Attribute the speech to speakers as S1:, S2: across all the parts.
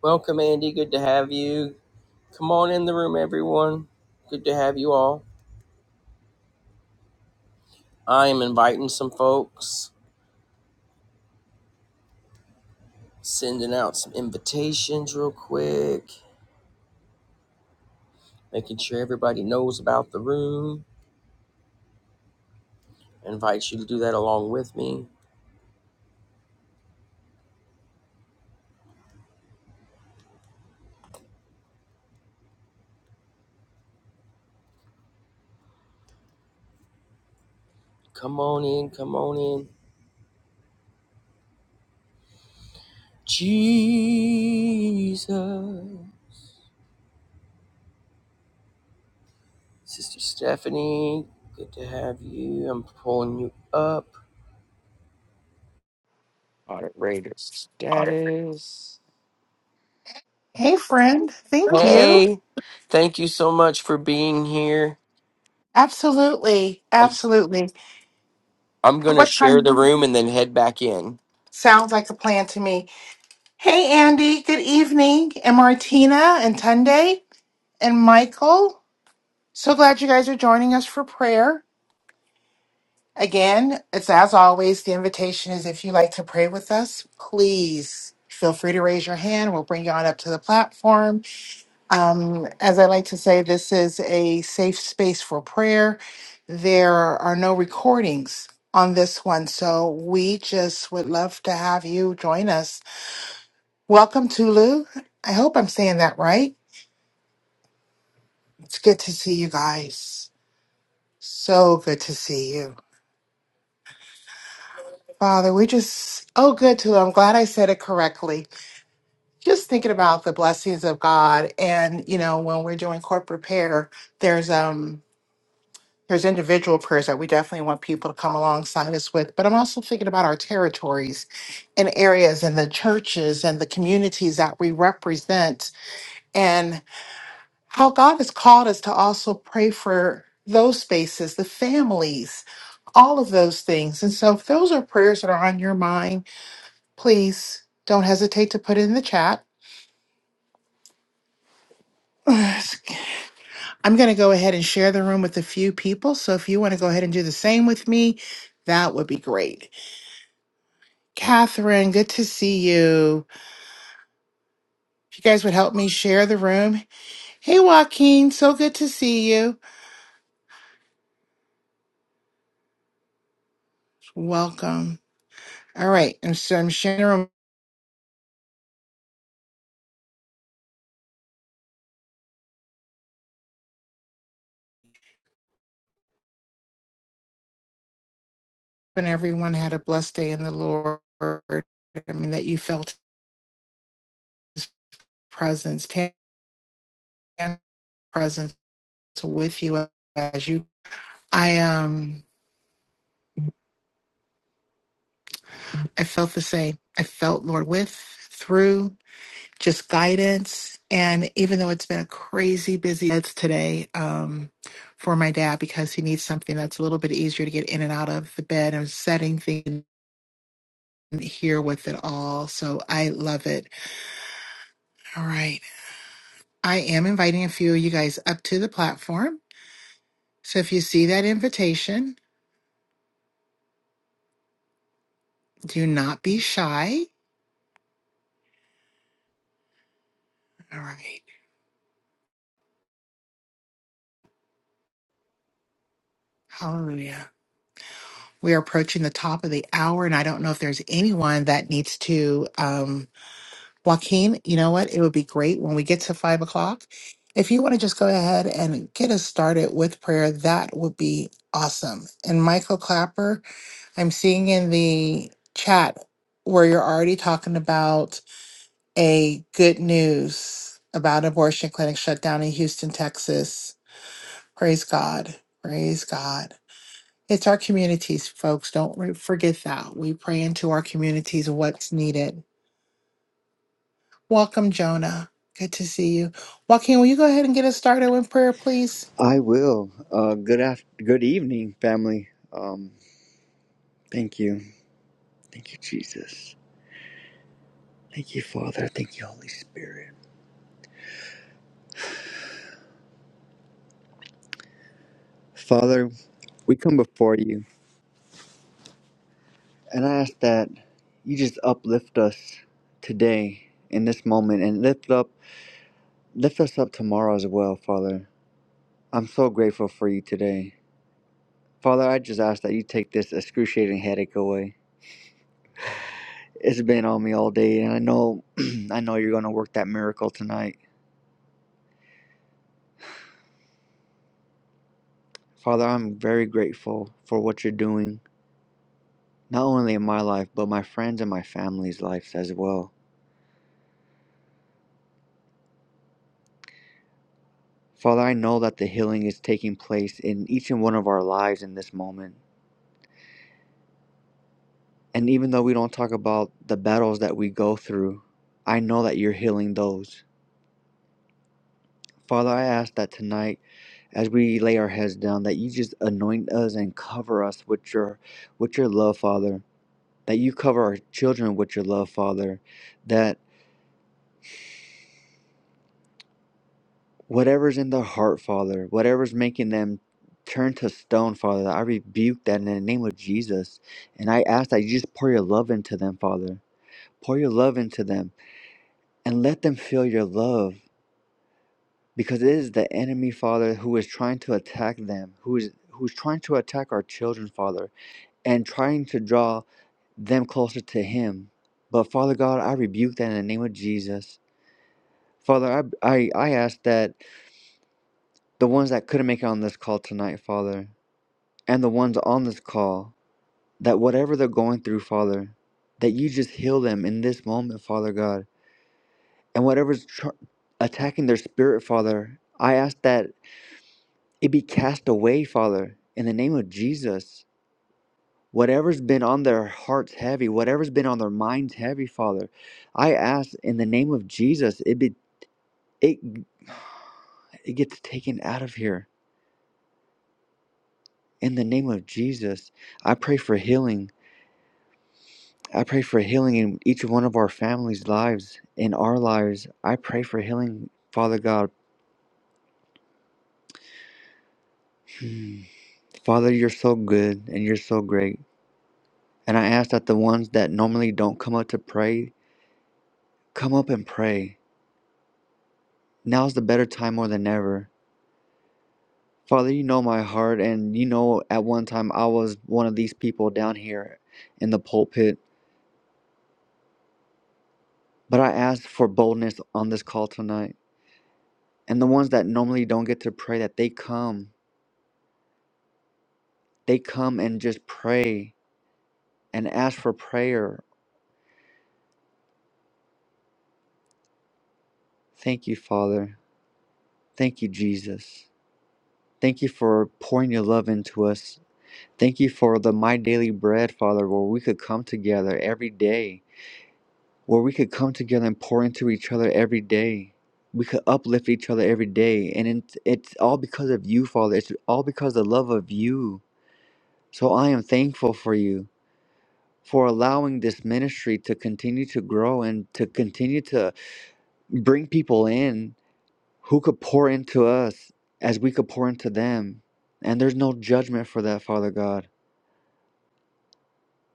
S1: Welcome, Andy. Good to have you. Come on in the room, everyone. Good to have you all. I am inviting some folks, sending out some invitations real quick, making sure everybody knows about the room. I invite you to do that along with me. Come on in, come on in. Jesus. Sister Stephanie, good to have you. I'm pulling you up.
S2: Alright. Hey, friend. Thank you.
S1: Hey, thank you so much for being here.
S2: Absolutely. Absolutely.
S1: I'm gonna
S2: What
S1: share the
S2: time
S1: room and then head back in.
S2: sounds like a plan to me? Hey, Andy. Good evening. And Martina and Tunde and Michael. So glad you guys are joining us for prayer. Again, it's as always, the invitation is if you like to pray with us, please feel free to raise your hand. We'll bring you on up to the platform. Um, as I like to say, this is a safe space for prayer. There are no recordings on this one, so we just would love to have you join us. Welcome, Tulu. I hope I'm saying that right. It's good to see you guys. So good to see you. Father, we just, oh, good, Tulu. I'm glad I said it correctly. Just thinking about the blessings of God. And, you know, when we're doing corporate prayer, there's, um, there's individual prayers that we definitely want people to come alongside us with, but I'm also thinking about our territories and areas and the churches and the communities that we represent and how God has called us to also pray for those spaces, the families, all of those things. And so if those are prayers that are on your mind, please don't hesitate to put it in the chat. I'm going to go ahead and share the room with a few people. So if you want to go ahead and do the same with me, that would be great. Catherine, good to see you. If you guys would help me share the room. Hey, Joaquin, so good to see you. Welcome. All right. And so I'm sharing the room, and everyone had a blessed day in the Lord. I mean, that you felt his presence, Tan's presence with you as you. I, um, I felt the same. I felt Lord with, through. just guidance. And even though it's been a crazy busy it's today um, for my dad because he needs something that's a little bit easier to get in and out of the bed and setting things here with it all. So I love it. All right. I am inviting a few of you guys up to the platform. So if you see that invitation, do not be shy. All right. Hallelujah. We are approaching the top of the hour, and I don't know if there's anyone that needs to. um, Joaquin, you know what? It would be great when we get to five o'clock. If you want to just go ahead and get us started with prayer, that would be awesome. And Michael Clapper, I'm seeing in the chat where you're already talking about a good news about abortion clinic shut down in Houston, Texas. Praise God. Praise God. It's our communities, folks. Don't re- forget that. We pray into our communities what's needed Welcome, Jonah. Good to see you. Joaquin, will you go ahead and get us started with prayer, please?
S3: I will. Uh, good after, good evening, family. Um, thank you, thank you, Jesus. Thank you, Father. Thank you, Holy Spirit. Father, we come before you, and I ask that you just uplift us today in this moment, and lift up, lift us up tomorrow as well, Father. I'm so grateful for you today, Father. I just ask that you take this excruciating headache away. It's been on me all day, and I know, I know you're gonna work that miracle tonight. Father, I'm very grateful for what you're doing, not only in my life, but my friends and my family's lives as well. Father, I know that the healing is taking place in each and one of our lives in this moment. And even though we don't talk about the battles that we go through, I know that you're healing those. Father, I ask that tonight, as we lay our heads down, that you just anoint us and cover us with your, with your love, Father. That you cover our children with your love, Father. That. whatever's in their heart, Father, whatever's making them turn to stone, Father, I rebuke that in the name of Jesus. And I ask that you just pour your love into them, Father. Pour your love into them and let them feel your love because it is the enemy, Father, who is trying to attack them, who is who's trying to attack our children, Father, and trying to draw them closer to him. But Father God, I rebuke that in the name of Jesus. Father, I, I, I ask that the ones that couldn't make it on this call tonight, Father. and the ones on this call that whatever they're going through, Father, that you just heal them in this moment, Father God. And whatever's tr- attacking their spirit, Father, I ask that it be cast away, Father, in the name of Jesus. Whatever's been on their hearts heavy, whatever's been on their minds heavy, Father, I ask in the name of Jesus, it be it it gets taken out of here. In the name of Jesus, I pray for healing. I pray for healing in each one of our families' lives, in our lives. I pray for healing, Father God. Hmm. Father, you're so good and you're so great. And I ask that the ones that normally don't come up to pray, come up and pray. Now's the better time more than ever. Father, you know my heart, and you know at one time I was one of these people down here in the pulpit. But I ask for boldness on this call tonight. And the ones that normally don't get to pray, that they come. They come and just pray and ask for prayer. Thank you, Father. Thank you, Jesus. Thank you for pouring your love into us. Thank you for the My Daily Bread, Father, where we could come together every day, where we could come together and pour into each other every day. We could uplift each other every day. And it's all because of you, Father. It's all because of the love of you. So I am thankful for you, for allowing this ministry to continue to grow and to continue to bring people in who could pour into us as we could pour into them. And there's no judgment for that, Father God.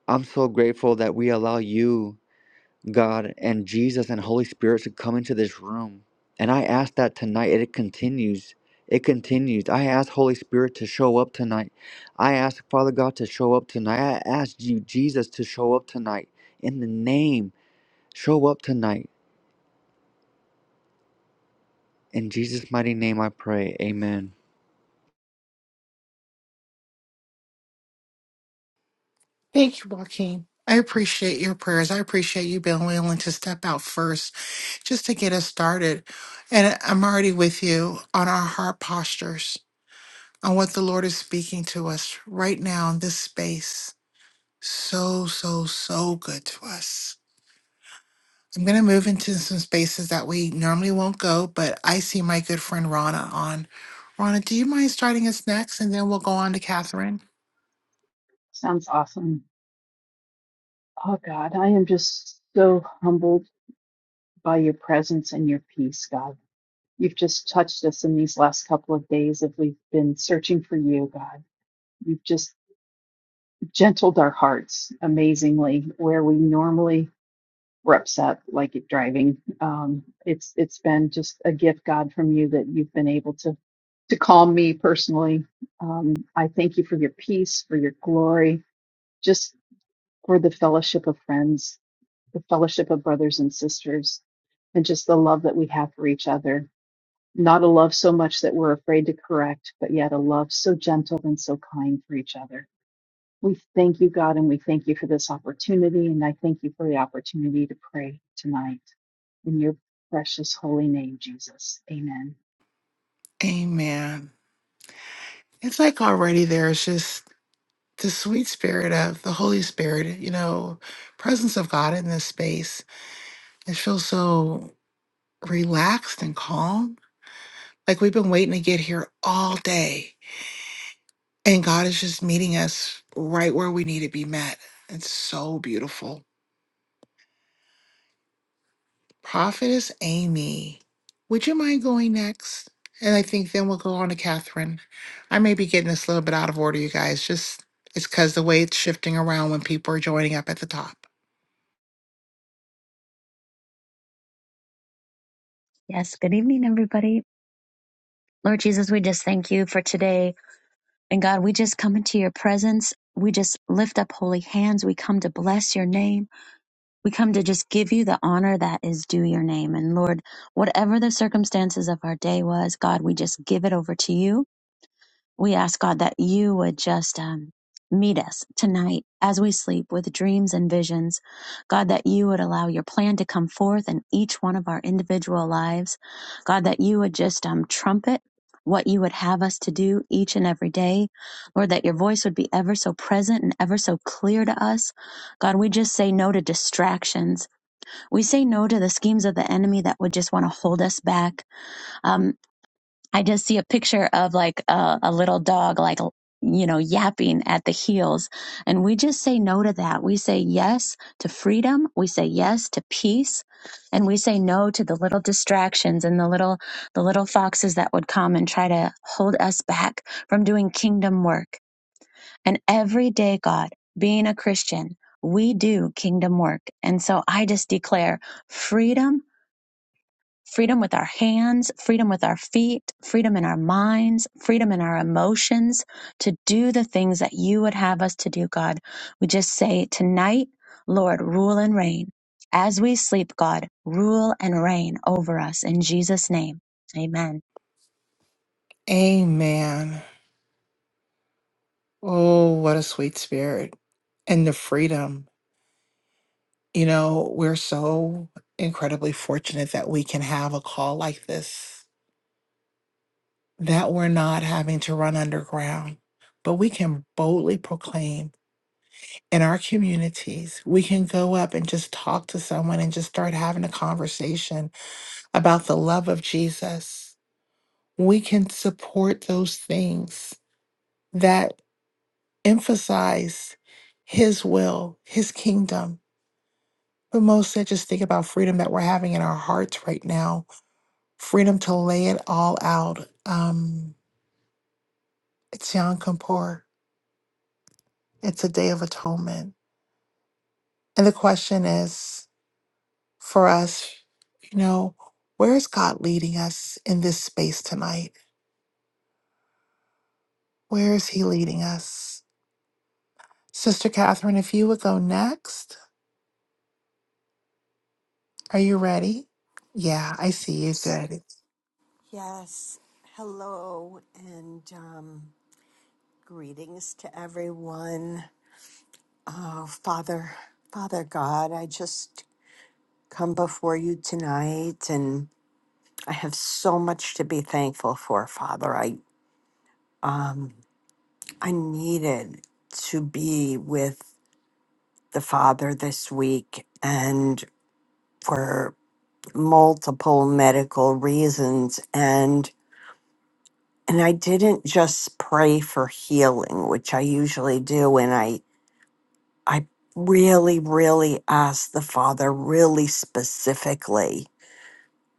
S3: I'm so grateful that we allow you, God, and Jesus and Holy Spirit to come into this room. And I ask that tonight, it continues. It continues. I ask Holy Spirit to show up tonight. I ask Father God to show up tonight. I ask you, Jesus, to show up tonight. In the name, show up tonight. In Jesus' mighty name I pray. Amen.
S2: Thank you, Joaquin. I appreciate your prayers. I appreciate you being willing to step out first just to get us started. And I'm already with you on our heart postures, on what the Lord is speaking to us right now in this space. So, so, so good to us. I'm going to move into some spaces that we normally won't go, but I see my good friend Rana on. Rana, do you mind starting us next? And then we'll go on to Catherine.
S4: Sounds awesome. Oh, God, I am just so humbled by your presence and your peace, God. You've just touched us in these last couple of days as we've been searching for you, God. You've just gentled our hearts amazingly where we normally were upset, like at driving. Um, it's it's been just a gift, God, from you that you've been able to to calm me personally. Um, I thank you for your peace, for your glory, just for the fellowship of friends the fellowship of brothers and sisters, and just the love that we have for each other. Not a love so much that we're afraid to correct, but yet a love so gentle and so kind for each other. We thank you, God, and we thank you for this opportunity. And I thank you for the opportunity to pray tonight. In your precious holy name, Jesus. Amen.
S2: Amen. It's like already there's just the sweet spirit of the Holy Spirit, you know, presence of God in this space. It feels so relaxed and calm. Like we've been waiting to get here all day, and God is just meeting us right where we need to be met. It's so beautiful. Prophetess Amy, would you mind going next? And I think then we'll go on to Catherine. I may be getting this a little bit out of order, you guys. Just it's because the way it's shifting around when people are joining up at the top.
S5: Yes, good evening, everybody. Lord Jesus, we just thank you for today. And God, we just come into your presence. We just lift up holy hands. We come to bless your name. We come to just give you the honor that is due your name. And Lord, whatever the circumstances of our day was, God, we just give it over to you. We ask God that you would just um, meet us tonight as we sleep with dreams and visions. God, that you would allow your plan to come forth in each one of our individual lives. God, that you would just um, trumpet what you would have us to do each and every day. Lord, that your voice would be ever so present and ever so clear to us. God, we just say no to distractions. We say no to the schemes of the enemy that would just want to hold us back. Um. I just see a picture of like a, a little dog, like, you know, yapping at the heels. And we just say no to that. We say yes to freedom. We say yes to peace. And we say no to the little distractions and the little, the little foxes that would come and try to hold us back from doing kingdom work. And every day, God, being a Christian, we do kingdom work. And so I just declare freedom freedom with our hands, freedom with our feet, freedom in our minds, freedom in our emotions to do the things that you would have us to do, God. We just say tonight, Lord, rule and reign. As we sleep, God, rule and reign over us in Jesus' name. Amen.
S2: Amen. Oh, what a sweet spirit and the freedom. You know, we're so incredibly fortunate that we can have a call like this, that we're not having to run underground, but we can boldly proclaim. in our communities, we can go up and just talk to someone and just start having a conversation about the love of Jesus. We can support those things that emphasize his will, his kingdom. But most I just think about freedom that we're having in our hearts right now, freedom to lay it all out. Um, it's Yom Kippur. It's a day of atonement. And the question is, for us, you know, where is God leading us in this space tonight? Where is He leading us? Sister Catherine, if you would go next, are you ready? Yeah, I see you good.
S6: Yes, hello and um, greetings to everyone. Oh, Father, Father God, I just come before you tonight and I have so much to be thankful for, Father. I, I needed to be with the Father this week and for multiple medical reasons and and I didn't just pray for healing, which I usually do, and I I really, really asked the Father really specifically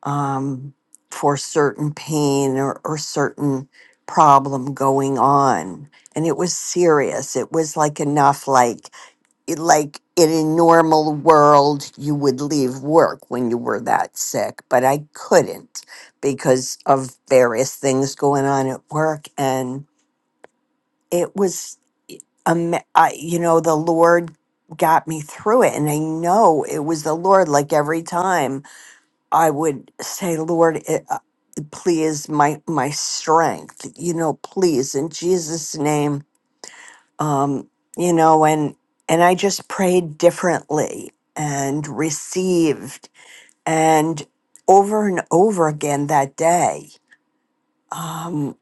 S6: um, for certain pain or, or certain problem going on. And it was serious. It was like enough, like, it- like in a normal world, you would leave work when you were that sick, but I couldn't because of various things going on at work. And it was um, I, you know, the Lord got me through it. And I know it was the Lord. Like every time I would say, Lord, it, uh, please, my, my strength, you know, please, in Jesus' name, um, you know, and, and I just prayed differently and received and over and over again that day. Um,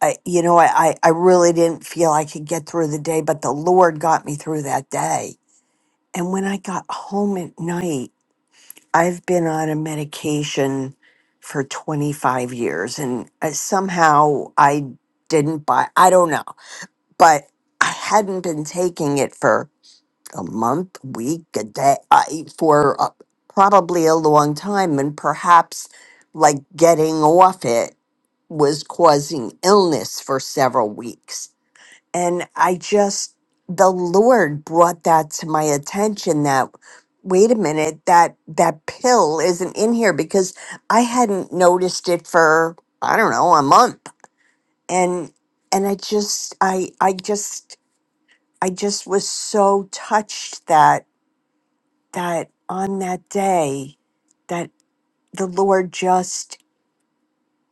S6: I, you know, I, I I really didn't feel I could get through the day, but the Lord got me through that day. And when I got home at night, I've been on a medication for 25 years, and uh, somehow I didn't buy, I don't know, but I hadn't been taking it for a month, a week, a day, I, for uh, probably a long time, and perhaps like getting off it was causing illness for several weeks. And I just, the Lord brought that to my attention that, wait a minute, that, that pill isn't in here because I hadn't noticed it for, I don't know, a month. And, and I just, I, I just, I just was so touched that, that on that day, that the Lord just,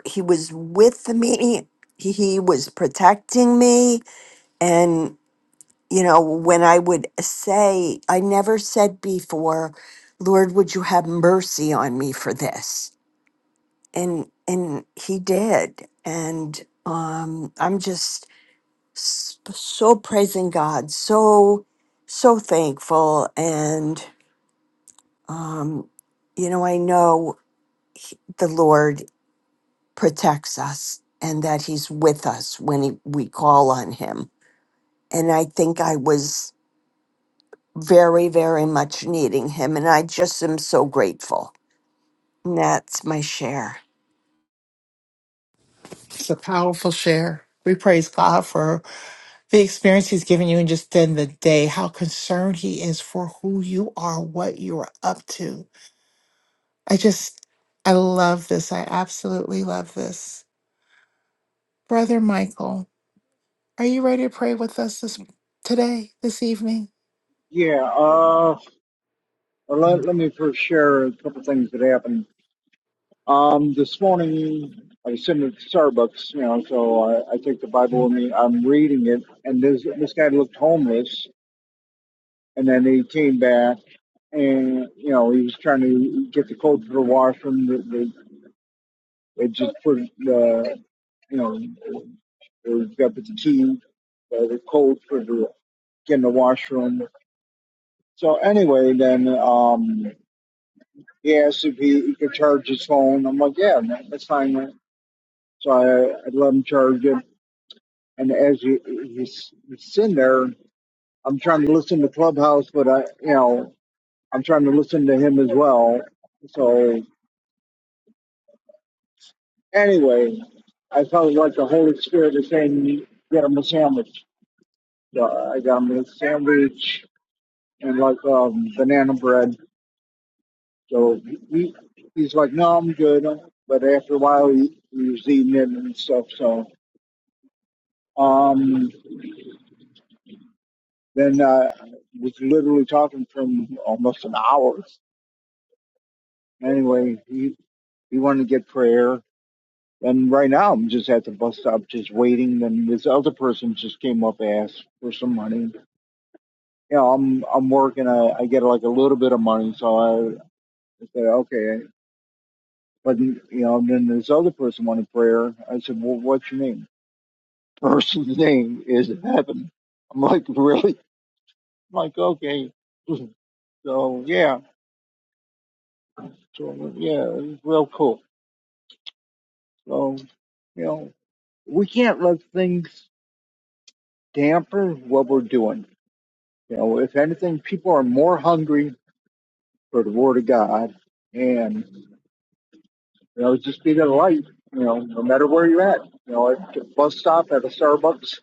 S6: he was with me. He was protecting me. and. you know, when I would say, I never said before, Lord, would you have mercy on me for this? And and he did. And um I'm just s- so praising God, so so thankful and um you know, I know he- the Lord protects us and that he's with us when he, we call on him. And I think I was very, very much needing him. And I just am so grateful. And that's my share.
S2: It's a powerful share. We praise God for the experience He's given you and just in the day, how concerned He is for who you are, what you are up to. I just, I love this. I absolutely love this. Brother Michael. Are you ready to pray with us this today, this evening?
S7: Yeah, uh, let, let me first share a couple things that happened. Um, this morning, I was sitting at Starbucks, you know, so I, I take the Bible with me. I'm reading it, and this this guy looked homeless, and then he came back, and you know, he was trying to get the code for the washroom. They, they, they just put the, you know, they got the key, uh, the code for the, getting the washroom. So anyway, then um, He asked if he, he could charge his phone. I'm like, yeah, man, that's fine, man. So I, I let him charge it. And as you, he's, he's sitting there, I'm trying to listen to Clubhouse, but I, you know, I'm trying to listen to him as well. So anyway, I felt like the Holy Spirit was saying, get him a sandwich. So I got him a sandwich and like um, banana bread. So he, he's like, no, I'm good. But after a while, he, he was eating it and stuff. So Um, then I was literally talking for almost an hour. Anyway, he he wanted to get prayer, and right now I'm just at the bus stop, just waiting. Then this other person just came up and asked for some money. You know, I'm I'm working. I, I get like a little bit of money, so I, I said okay. But you know, then this other person wanted prayer. I said, well, what's your name? Person's name is Heaven. I'm like, really? I'm like, okay. So yeah. So yeah, it was real cool. So you know, we can't let things dampen what we're doing. You know, if anything, people are more hungry for the Word of God, and you know, just be the light. You know, no matter where you're at. You know, at the bus stop, at a Starbucks.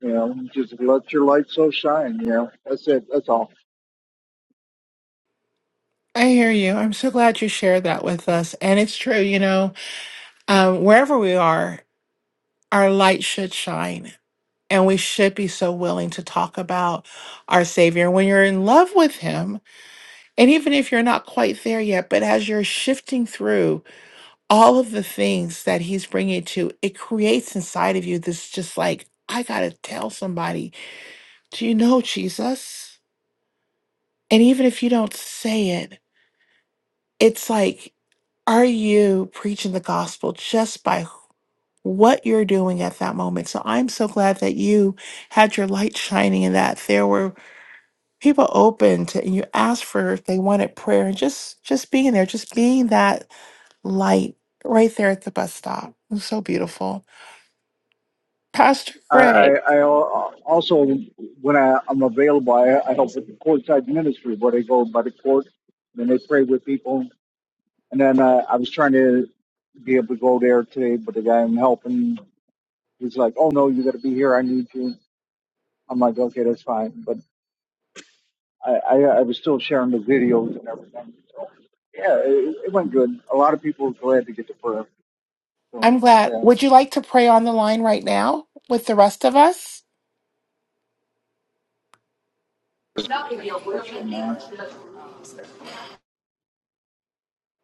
S7: You know, just let your light so shine. You know, that's it. That's all.
S2: I hear you. I'm so glad you shared that with us. And it's true, you know, um, wherever we are, our light should shine. And we should be so willing to talk about our Savior. When you're in love with Him, and even if you're not quite there yet, but as you're shifting through all of the things that He's bringing to, it creates inside of you this just like, I got to tell somebody, do you know Jesus? And even if you don't say it, it's like, are you preaching the gospel just by what you're doing at that moment? So I'm so glad that you had your light shining and that there were people open to and you asked for if they wanted prayer and just just being there, just being that light right there at the bus stop. It was so beautiful. Pastor
S7: I, I,
S2: Greg,
S7: I al- also, when I, I'm available, I, I help with the courtside ministry where they go by the court and they pray with people And then uh, I was trying to be able to go there today, but the guy I'm helping was like, "Oh no, you got to be here. I need you." I'm like, "Okay, that's fine." But I, I, I was still sharing the videos and everything. So yeah, it, it went good. A lot of people were glad to get the prayer. So
S2: I'm glad.
S7: yeah,
S2: Would you like to pray on the line right now with the rest of us?
S7: that's right now.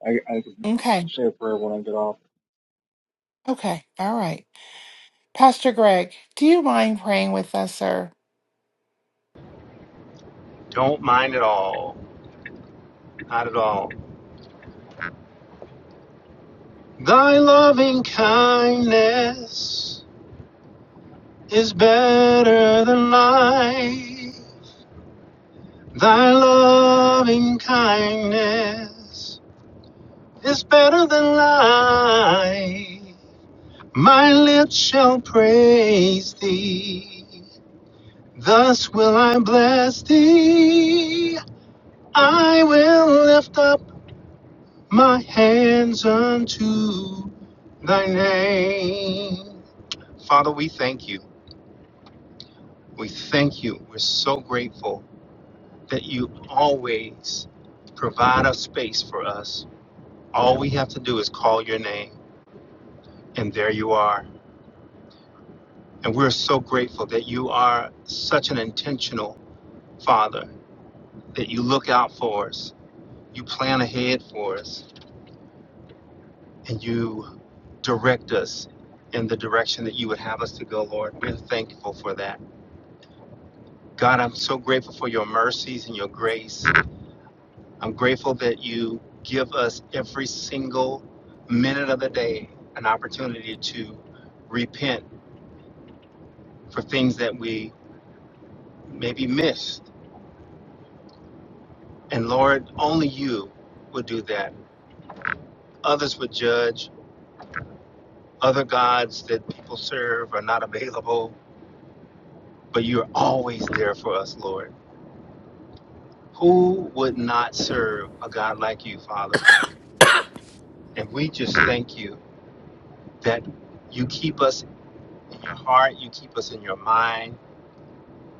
S7: I I can
S2: Okay.
S7: say a prayer when I get off.
S2: Okay. All right. Pastor Greg, do you mind praying with us, sir?
S8: Don't mind at all. Not at all. Thy loving kindness is better than life. Thy loving kindness is better than life. My lips shall praise thee. Thus will I bless thee. I will lift up my hands unto thy name. Father, we thank you. We thank you. We're so grateful that you always provide a space for us. All we have to do is call your name, and there you are. And we're so grateful that you are such an intentional Father, that you look out for us, you plan ahead for us, and you direct us in the direction that you would have us to go, Lord. We're thankful for that. God, I'm so grateful for your mercies and your grace. I'm grateful that you give us every single minute of the day an opportunity to repent for things that we maybe missed. And Lord, only you would do that. Others would judge, other gods that people serve are not available, but you're always there for us, Lord. Who would not serve a God like you, Father? And we just thank you that you keep us in your heart, you keep us in your mind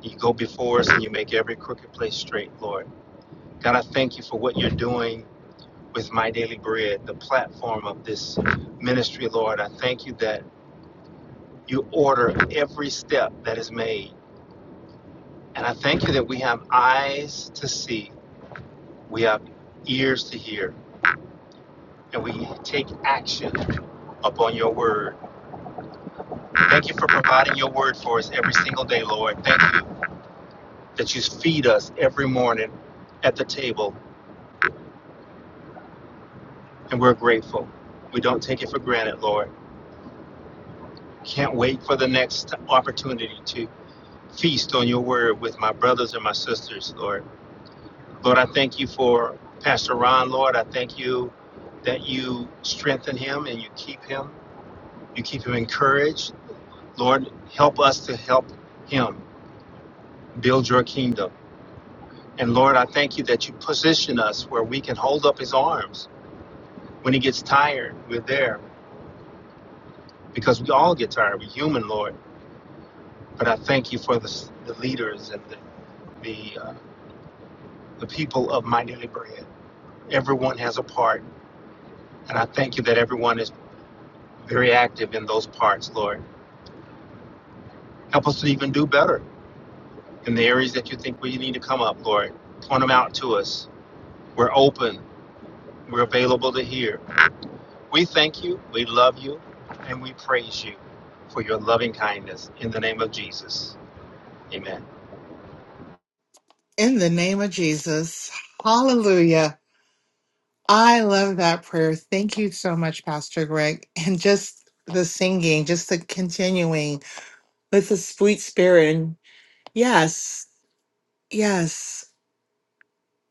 S8: You go before us and you make every crooked place straight, Lord. God, I thank you for what you're doing with My Daily Bread, the platform of this ministry, Lord. I thank you that you order every step that is made. And I thank you that we have eyes to see, we have ears to hear, and we take action upon your word. Thank you for providing your word for us every single day, Lord. Thank you that you feed us every morning at the table and we're grateful. We don't take it for granted, Lord. Can't wait for the next opportunity to feast on your word with my brothers and my sisters, Lord. Lord, I thank you for Pastor Ron, Lord. I thank you that you strengthen him and you keep him. You keep him encouraged. Lord, help us to help him build your kingdom. And Lord, I thank you that you position us where we can hold up his arms. When he gets tired, we're there because we all get tired. We're human, Lord. But I thank you for the, the leaders and the the, uh, the people of my daily bread. Everyone has a part, and I thank you that everyone is very active in those parts, Lord. Help us to even do better in the areas that you think we need to come up, Lord. Point them out to us. We're open. We're available to hear. We thank you. We love you, and we praise you for your loving kindness in the name of Jesus. Amen.
S2: In the name of Jesus. Hallelujah. I love that prayer. Thank you so much, Pastor Greg. And just the singing, just the continuing with the sweet spirit. And yes, yes,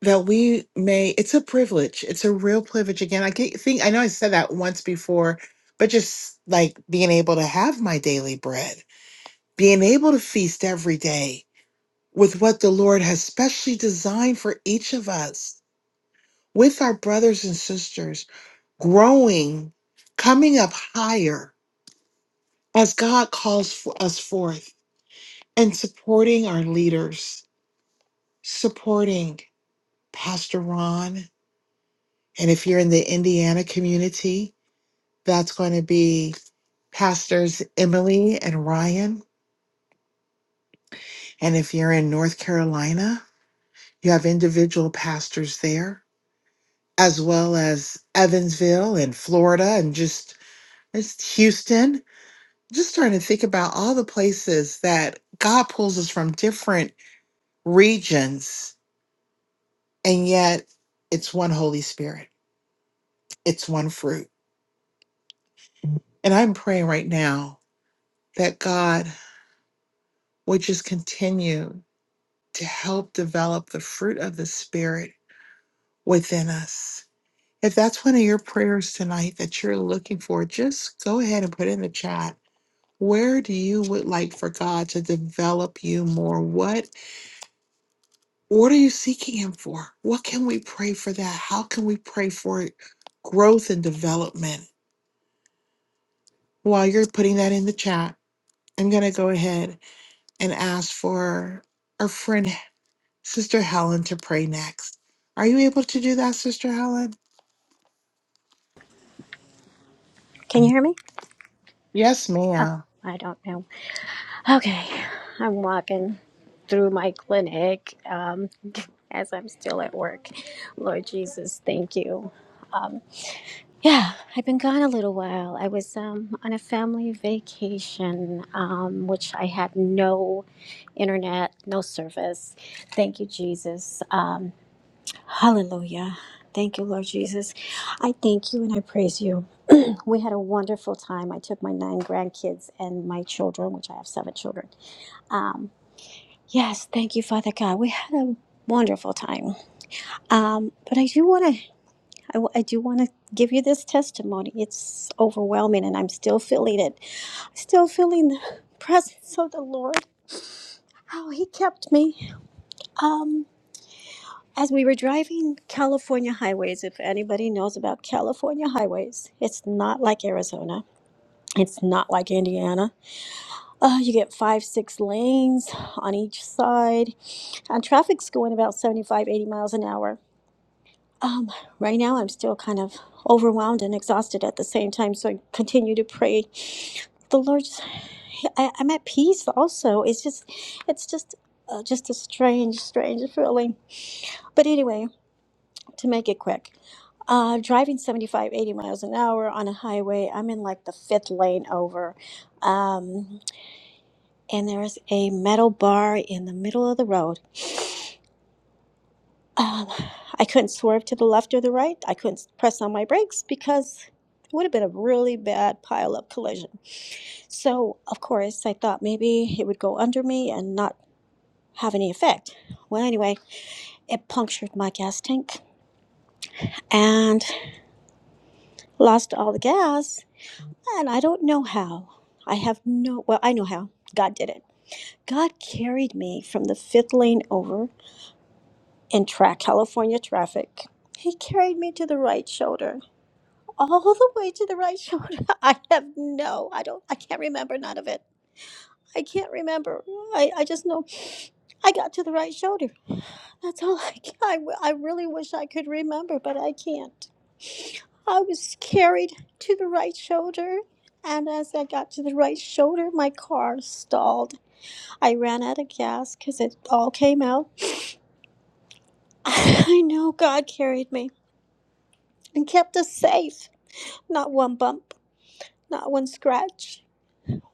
S2: that we may, it's a privilege. It's a real privilege. Again, I get, think, I know I said that once before, but just like being able to have my daily bread, being able to feast every day with what the Lord has specially designed for each of us with our brothers and sisters, growing, coming up higher as God calls for us forth, and supporting our leaders, supporting Pastor Ron. And if you're in the Indiana community, that's going to be Pastors Emily and Ryan. And if you're in North Carolina, you have individual pastors there, as well as Evansville and Florida and just it's Houston just trying to think about all the places that God pulls us from different regions, and yet it's one Holy Spirit, it's one fruit. And I'm praying right now that God would just continue to help develop the fruit of the Spirit within us. If that's one of your prayers tonight that you're looking for, just go ahead and put in the chat. Where do you would like for God to develop you more? What What are you seeking Him for? What can we pray for that? How can we pray for growth and development? While you're putting that in the chat, I'm going to go ahead and ask for our friend, Sister Helen, to pray next. Are you able to do that, Sister Helen?
S9: Can you hear me?
S2: Yes,
S9: Oh,
S2: ma'am.
S9: I don't know. Okay, I'm walking through my clinic um, as I'm still at work. Lord Jesus, thank you. Yeah, I've been gone a little while. I was um, on a family vacation, um, which I had no internet, no service. Thank you, Jesus. Um, hallelujah. Thank you, Lord Jesus. I thank you and I praise you. we had a wonderful time. I took my nine grandkids and my children, which I have seven children. Um, yes, thank you, Father God. We had a wonderful time. Um, but I do want to, I, w- I do want to give you this testimony. It's overwhelming, and I'm still feeling it. Still feeling the presence of the Lord. How He kept me. Um, as we were driving California highways, if anybody knows about California highways, it's not like Arizona. It's not like Indiana Uh, you get five, six lanes on each side, and traffic's going about 75, 80 miles an hour. Um, right now, I'm still kind of overwhelmed and exhausted at the same time, so I continue to pray. The Lord's, I, I'm at peace also. It's just, it's just, uh, just a strange, strange feeling. But anyway, to make it quick, uh, driving 75, 80 miles an hour on a highway, I'm in like the fifth lane over. Um, and there's a metal bar in the middle of the road. Um, I couldn't swerve to the left or the right. I couldn't press on my brakes because it would have been a really bad pile up collision. So, of course, I thought maybe it would go under me and not have any effect. Well, anyway, it punctured my gas tank and lost all the gas. And I don't know how. I have no, well, I know how. God did it. God carried me from the fifth lane over in tra- California traffic. He carried me to the right shoulder, all the way to the right shoulder. I have no, I don't, I can't remember none of it. I can't remember. I, I just know I got to the right shoulder. That's all I can. I, w- I really wish I could remember, but I can't. I was carried to the right shoulder, and as I got to the right shoulder, my car stalled. I ran out of gas because it all came out. I know God carried me. and kept us safe. Not one bump, not one scratch.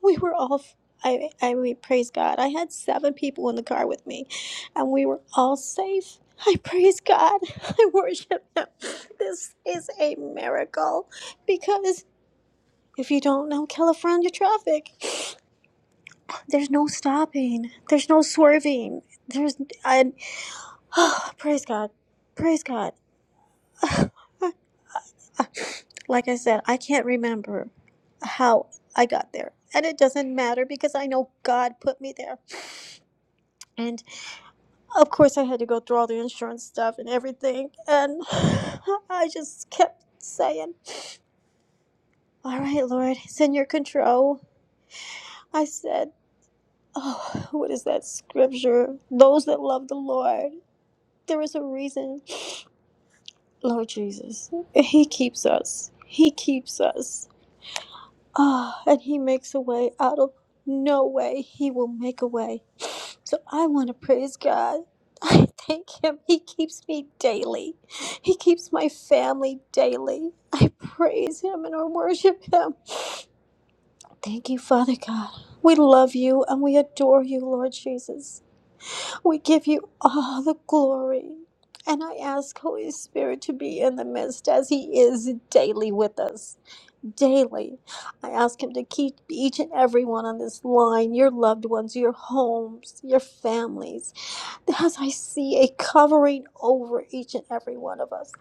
S9: We were all, f- I, I mean, praise God. I had seven people in the car with me, and we were all safe. I praise God. I worship Him. This is a miracle because if you don't know California traffic, there's no stopping, there's no swerving. There's, and oh, praise God, praise God. Like I said, I can't remember how I got there. And it doesn't matter because I know God put me there. And of course, I had to go through all the insurance stuff and everything. And I just kept saying, All right, Lord, it's in your control. I said, Oh, what is that scripture? Those that love the Lord, there is a reason. Lord Jesus, He keeps us. He keeps us. Ah, and he makes a way out of no way. He will make a way. So I want to praise God. I thank Him. He keeps me daily. He keeps my family daily. I praise Him and I worship Him. Thank you, Father God. We love you and we adore you, Lord Jesus. We give you all the glory. And I ask Holy Spirit to be in the midst as He is daily with us daily. I ask Him to keep each and every one on this line, your loved ones, your homes, your families, as I see a covering over each and every one of us,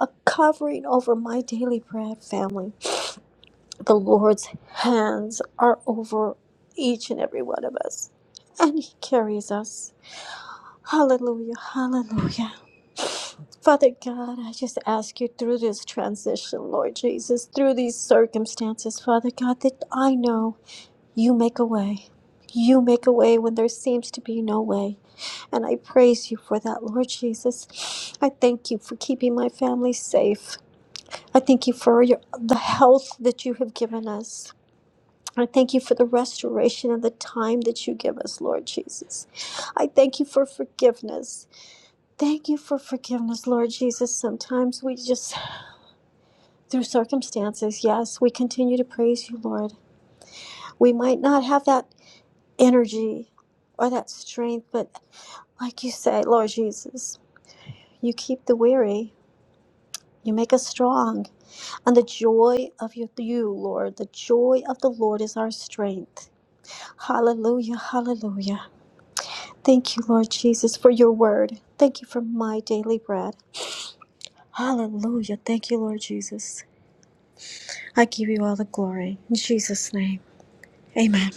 S9: a covering over my daily bread family. The Lord's hands are over each and every one of us, and He carries us. Hallelujah. Hallelujah. Father God, I just ask you through this transition, Lord Jesus, through these circumstances, Father God, that I know you make a way. You make a way when there seems to be no way. And I praise you for that, Lord Jesus. I thank you for keeping my family safe. I thank you for your, the health that you have given us. I thank you for the restoration and the time that you give us, Lord Jesus. I thank you for forgiveness. Thank you for forgiveness, Lord Jesus. Sometimes we just, through circumstances, yes, we continue to praise you, Lord. We might not have that energy or that strength, but like you say, Lord Jesus, you keep the weary. You make us strong. And the joy of you, you, Lord, the joy of the Lord is our strength. Hallelujah, hallelujah. Thank you, Lord Jesus, for your word. Thank you for my daily bread. Hallelujah. Thank you, Lord Jesus. I give you all the glory. In Jesus' name. Amen.